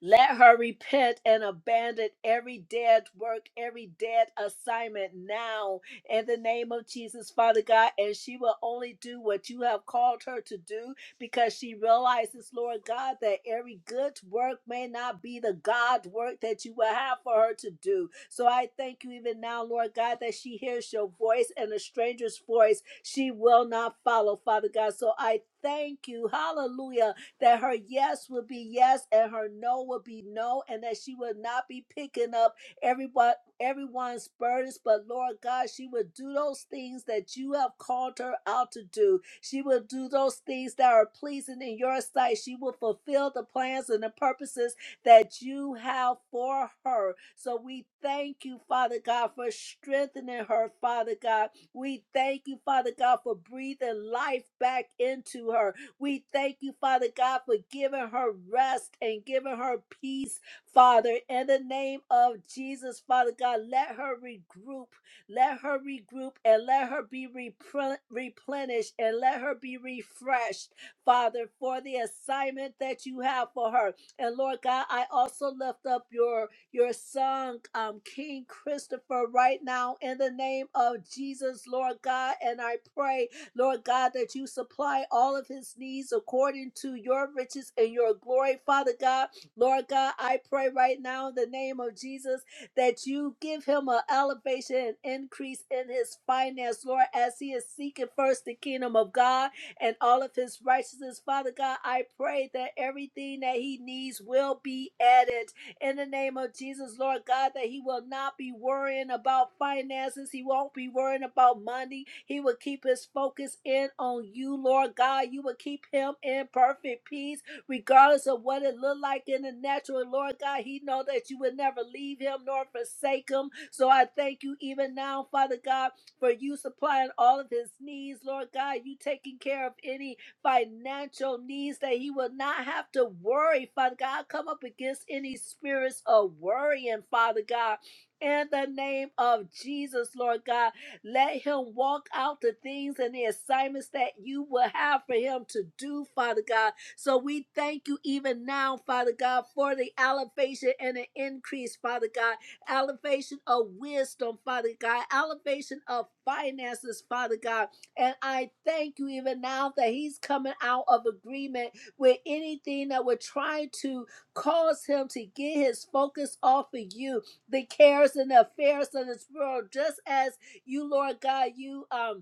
A: Let her repent and abandon every dead work, every dead assignment now in the name of Jesus, Father God. And she will only do what you have called her to do because she realizes, Lord God, that every good work may not be the God work that you will have for her to do. So I thank you even now, Lord God, that she hears your voice and a stranger's voice she will not follow, Father God. So I thank you, hallelujah, that her yes would be yes and her no would be no, and that she would not be picking up everyone everyone's burdens. But Lord God, she would do those things that you have called her out to do. She will do those things that are pleasing in your sight. She will fulfill the plans and the purposes that you have for her. So we thank you, Father God, for strengthening her, Father God. We thank you, Father God, for breathing life back into her. We thank you, Father God, for giving her rest and giving her peace, Father. In the name of Jesus, Father God, let her regroup. Let her regroup and let her be replen- replenished and let her be refreshed, Father, for the assignment that you have for her. And Lord God, I also lift up your your son, um, King Christopher, right now in the name of Jesus, Lord God. And I pray Lord God, that you supply all of his needs according to your riches and your glory, Father God. Lord God, I pray right now in the name of Jesus that you give him an elevation and increase in his finance, Lord, as he is seeking first the kingdom of God and all of his righteousness. Father God, I pray that everything that he needs will be added in the name of Jesus, Lord God, that he will not be worrying about finances. He won't be worrying about money. He will keep his focus in on you, Lord God. You will keep him in perfect peace, regardless of what it looked like in the natural. Lord God, he know that you would never leave him nor forsake him. So I thank you even now, Father God, for you supplying all of his needs, Lord God. You taking care of any financial needs, that he will not have to worry, Father God. I Come up against any spirits of worrying, Father God. In the name of Jesus, Lord God, let him walk out the things and the assignments that you will have for him to do, Father God. So we thank you even now, Father God, for the elevation and the increase, Father God. Elevation of wisdom, Father God. Elevation of finances, Father God and I thank you even now that he's coming out of agreement with anything that would try to cause him to get his focus off of you, the cares and the affairs of this world, just as you, Lord God, you um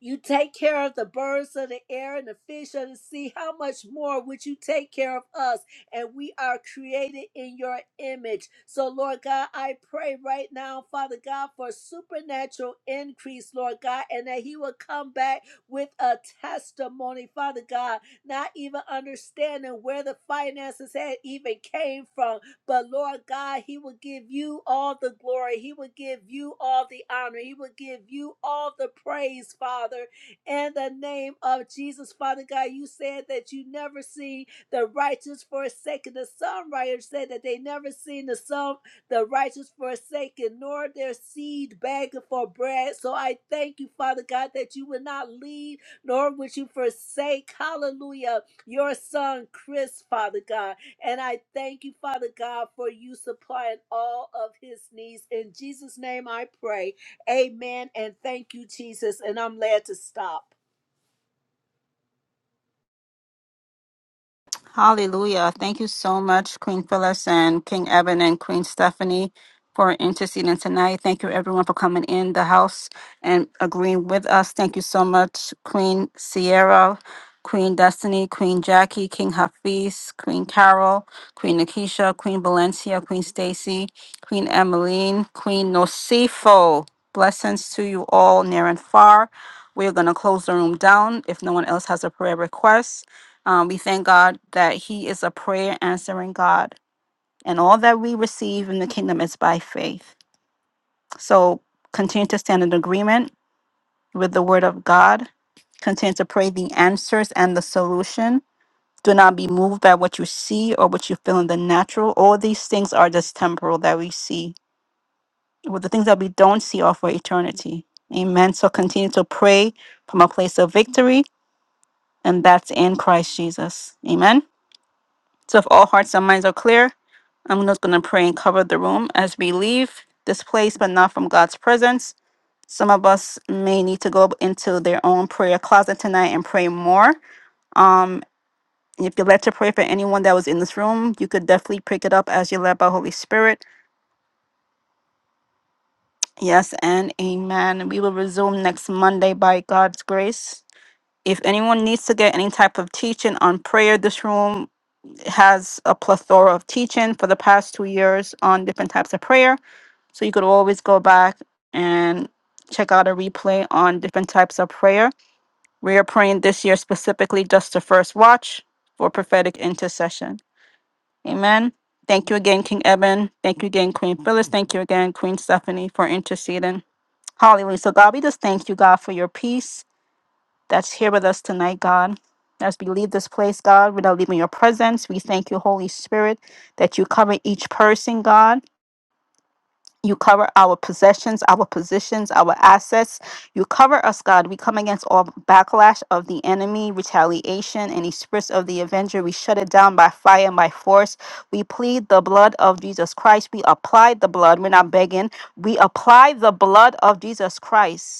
A: you take care of the birds of the air and the fish of the sea. How much more would you take care of us? And we are created in your image. So, Lord God, I pray right now, Father God, for supernatural increase, Lord God, and that He will come back with a testimony, Father God, not even understanding where the finances had even came from but Lord God, He will give you all the glory. He will give you all the honor. He will give you all the praise, Father. In the name of Jesus, Father God, you said that you never see the righteous forsaken. The songwriter said that they never seen the song, the righteous forsaken, nor their seed begging for bread. So I thank you, Father God, that you would not leave, nor would you forsake. Hallelujah your son Chris, Father God. And I thank you, Father God, for you supplying all of his needs. In Jesus' name I pray. Amen. And thank you, Jesus. And I'm glad to stop.
B: Hallelujah. Thank you so much, Queen Phyllis and King Evan and Queen Stephanie for interceding tonight. Thank you everyone for coming in the house and agreeing with us. Thank you so much, Queen Sierra, Queen Destiny, Queen Jackie, King Hafiz, Queen Carol, Queen Nakisha, Queen Valencia, Queen Stacy, Queen Emmeline, Queen Nosifo. Blessings to you all near and far. We're going to close the room down if no one else has a prayer request. Um, we thank God that He is a prayer answering God, and all that we receive in the kingdom is by faith. So continue to stand in agreement with the word of God, continue to pray the answers and the solution. Do not be moved by what you see or what you feel in the natural. All these things are just temporal that we see. Well, the things that we don't see are for eternity. Amen. So continue to pray from a place of victory, and that's in Christ Jesus. Amen. So if all hearts and minds are clear, I'm just going to pray and cover the room as we leave this place, but not from God's presence. Some of us may need to go into their own prayer closet tonight and pray more. Um, if you'd like to pray for anyone that was in this room, you could definitely pick it up as you're led by Holy Spirit. Yes, and amen. We will resume next Monday by God's grace. If anyone needs to get any type of teaching on prayer, this room has a plethora of teaching for the past two years on different types of prayer. So you could always go back and check out a replay on different types of prayer. We are praying this year specifically just the first watch for prophetic intercession. Amen. Thank you again, King Eben. Thank you again, Queen Phyllis. Thank you again, Queen Stephanie, for interceding. Hallelujah. So, God, we just thank you, God, for your peace that's here with us tonight, God. As we leave this place, God, without leaving your presence, we thank you, Holy Spirit, that you cover each person, God. You cover our possessions, our positions, our assets. You cover us, God. We come against all backlash of the enemy, retaliation, any spirits of the avenger. We shut it down by fire and by force. We plead the blood of Jesus Christ. We apply the blood. We're not begging. We apply the blood of Jesus Christ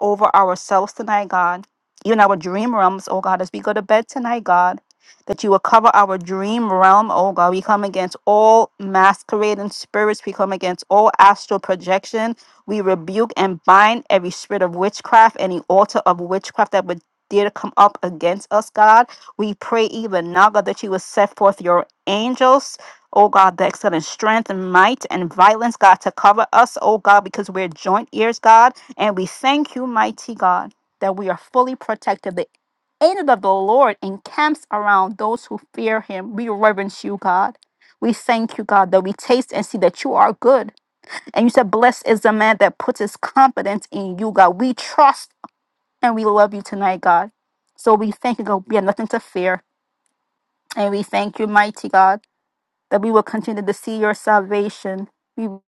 B: over ourselves tonight, God. Even our dream realms, oh God, as we go to bed tonight, God, that you will cover our dream realm, oh God. We come against all masquerading spirits. We come against all astral projection. We rebuke and bind every spirit of witchcraft, any altar of witchcraft that would dare to come up against us, God. We pray even now, God, that you will set forth your angels. Oh God, the excellent strength and might and violence, God, to cover us, oh God, because we're joint ears, God. And we thank you, mighty God, that we are fully protected. The angel of the Lord encamps around those who fear him. We reverence you, God. We thank you, God, that we taste and see that you are good. And you said, Blessed is the man that puts his confidence in you, God. We trust and we love you tonight, God. So we thank you, God. We have nothing to fear. And we thank you, mighty God, that we will continue to see your salvation. We will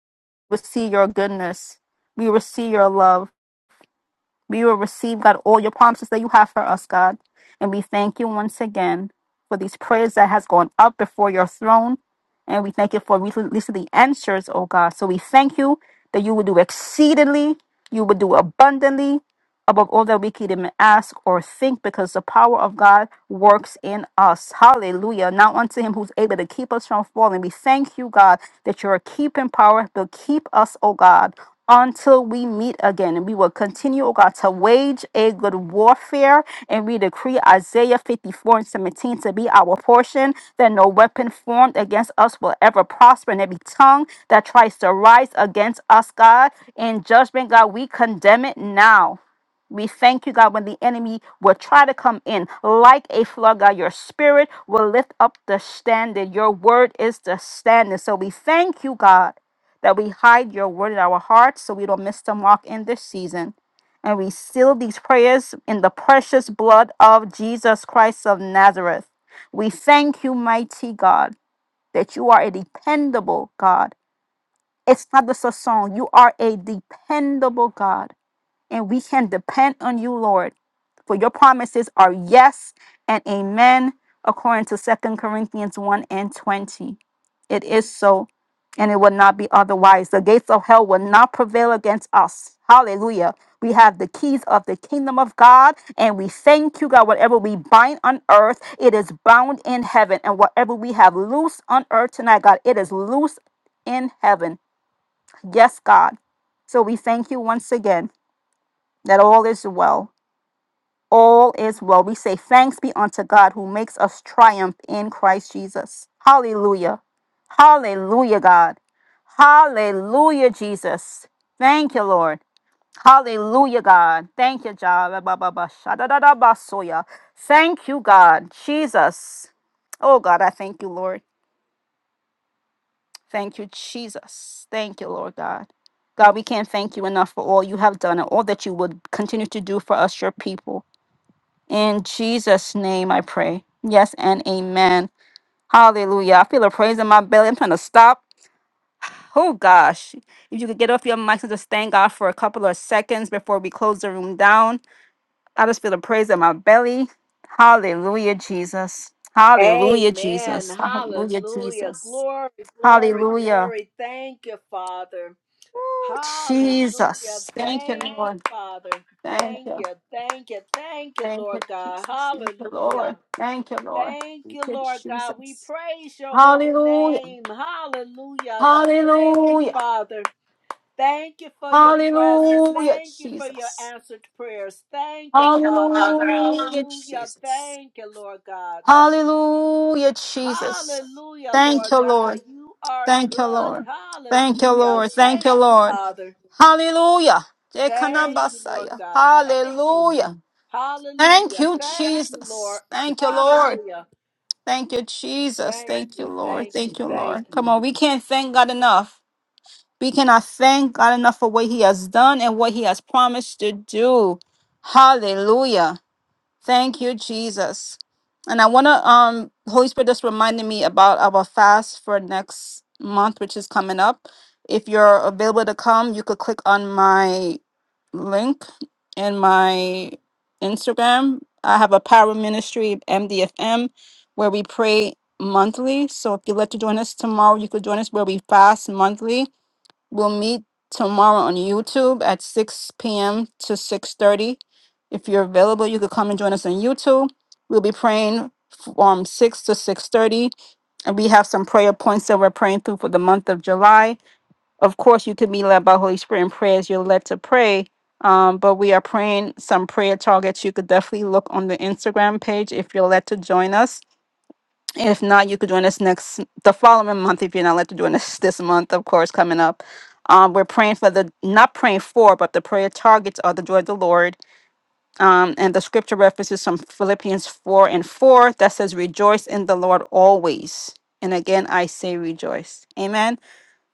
B: see your goodness. We will see your love We will receive, God, all your promises that you have for us, God. And we thank you once again for these prayers that has gone up before your throne. And we thank you for releasing the answers, oh God. So we thank you that you will do exceedingly, you will do abundantly, above all that we could even ask or think, because the power of God works in us. Hallelujah. Now unto him who's able to keep us from falling. We thank you, God, that you're a keeping power to keep us, oh God. Until we meet again, and we will continue, oh God, to wage a good warfare. And we decree Isaiah 54 and 17 to be our portion, that no weapon formed against us will ever prosper, and every tongue that tries to rise against us, God, in judgment, God, we condemn it now. We thank you, God, when the enemy will try to come in like a flood, God, your spirit will lift up the standard. Your word is the standard. So we thank you, God, that we hide your word in our hearts so we don't miss the mark in this season. And we seal these prayers in the precious blood of Jesus Christ of Nazareth. We thank you, mighty God, that you are a dependable God. It's not just a song, you are a dependable God and we can depend on you, Lord. For your promises are yes and amen, according to Second Corinthians 1 and 20. It is so, and it will not be otherwise. The gates of hell will not prevail against us. Hallelujah. We have the keys of the kingdom of God, and we thank you, God. Whatever we bind on earth, it is bound in heaven. And whatever we have loose on earth tonight, God, it is loose in heaven. Yes, God. So we thank you once again that all is well. All is well. We say, Thanks be unto God who makes us triumph in Christ Jesus. Hallelujah. Hallelujah, God. Hallelujah, Jesus. Thank you, Lord. Hallelujah, God. Thank you, Jah. Ba, ba, ba, sha, da, da, da, ba, so, ya. Thank you, God. Jesus. Oh, God, I thank you, Lord. Thank you, Jesus. Thank you, Lord God. God, we can't thank you enough for all you have done and all that you would continue to do for us, your people. In Jesus' name I pray. Yes and amen. Hallelujah. I feel a praise in my belly. I'm trying to stop. Oh gosh. If you could get off your mics and just thank God for a couple of seconds before we close the room down. I just feel a praise in my belly. Hallelujah, Jesus. Hallelujah,
A: Amen.
B: Jesus. Hallelujah,
A: Hallelujah.
B: Jesus.
A: Glory, glory,
B: Hallelujah.
A: glory. Thank you, Father.
B: Oh,
A: Hallelujah.
B: Jesus. Thank you,
A: Thank you,
B: Lord.
A: Father.
B: Thank
A: Thank
B: you.
A: you, thank you, thank you,
B: Thank you,
A: Lord God.
B: Jesus. Thank you,
A: Hallelujah.
B: Lord. Thank you, Lord.
A: Thank
B: Thank
A: you,
B: you,
A: Lord God. We
B: Jesus.
A: praise your holy
B: Hallelujah.
A: name. Hallelujah. Thank you,
B: Hallelujah.
A: Father. Thank you for your presence.
B: Hallelujah,
A: Thank you for your
B: Jesus.
A: answered prayers. Thank you, Father.
B: Hallelujah,
A: Hallelujah.
B: Jesus.
A: Thank you, Lord God.
B: Hallelujah, Jesus.
A: Hallelujah,
B: Thank
A: Lord
B: you,
A: God.
B: Lord.
A: You are
B: Thank you,
A: good.
B: Lord. Thank you,
A: Hallelujah.
B: Lord. Thank
A: Thank
B: you,
A: you,
B: Lord.
A: Father.
B: Hallelujah.
A: Thank you, Lord
B: Dekanabasaya.
A: God. Thank you.
B: Hallelujah. Thank
A: Hallelujah.
B: you,
A: Thank you, Lord.
B: Jesus. Thank you, Lord.
A: Hallelujah.
B: Thank you, Jesus.
A: Thank
B: Thank you,
A: you,
B: Lord.
A: thank you,
B: Thank you,
A: thank
B: Lord. Come
A: you.
B: on, we can't thank God enough. We cannot thank God enough for what He has done and what He has promised to do. Hallelujah. Thank you, Jesus. And I want to, um, Holy Spirit just reminded me about our fast for next month, which is coming up. If you're available to come, you could click on my link in my Instagram. I have a power ministry, MDFM, where we pray monthly. So if you'd like to join us tomorrow, you could join us where we fast monthly We'll meet tomorrow on YouTube at 6 p.m. to 6:30. If you're available, you could come and join us on YouTube. We'll be praying from 6 to 6:30, and we have some prayer points that we're praying through for the month of July. Of course, you can be led by Holy Spirit in prayer as you're led to pray. Um, but we are praying some prayer targets. You could definitely look on the Instagram page if you're led to join us if not, you could join us next the following month if you're not allowed to join us this month, of course, coming up. Um, we're praying for the not praying for, but the prayer targets are the joy of the Lord. Um, and the scripture references from Philippians four and four that says, "Rejoice in the Lord always." And again, I say rejoice. Amen.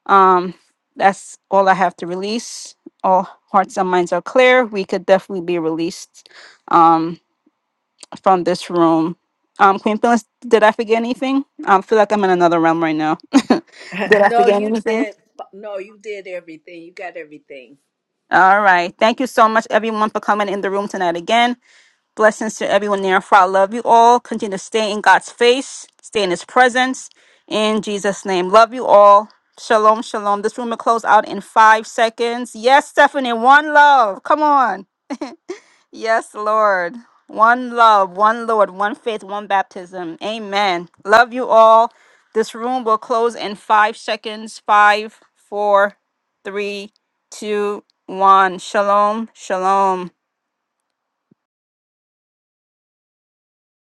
B: Um, that's all I have to release. All hearts and minds are clear. We could definitely be released. Um, from this room. Um, Queen Phyllis, did I forget anything? I feel like I'm in another realm right now. [LAUGHS]
A: [LAUGHS]
B: did I
A: no,
B: forget
A: you
B: anything?
A: did. No, you did everything. You got everything.
B: All right. Thank you so much, everyone, for coming in the room tonight again. Blessings to everyone near and far. I love you all. Continue to stay in God's face, stay in His presence. In Jesus' name, love you all. Shalom, shalom. This room will close out in five seconds. Yes, Stephanie, one love. Come on. Yes, Lord. One love, one Lord, one faith, one baptism. Amen. Love you all. This room will close in five seconds. Five, four, three, two, one. Shalom, shalom.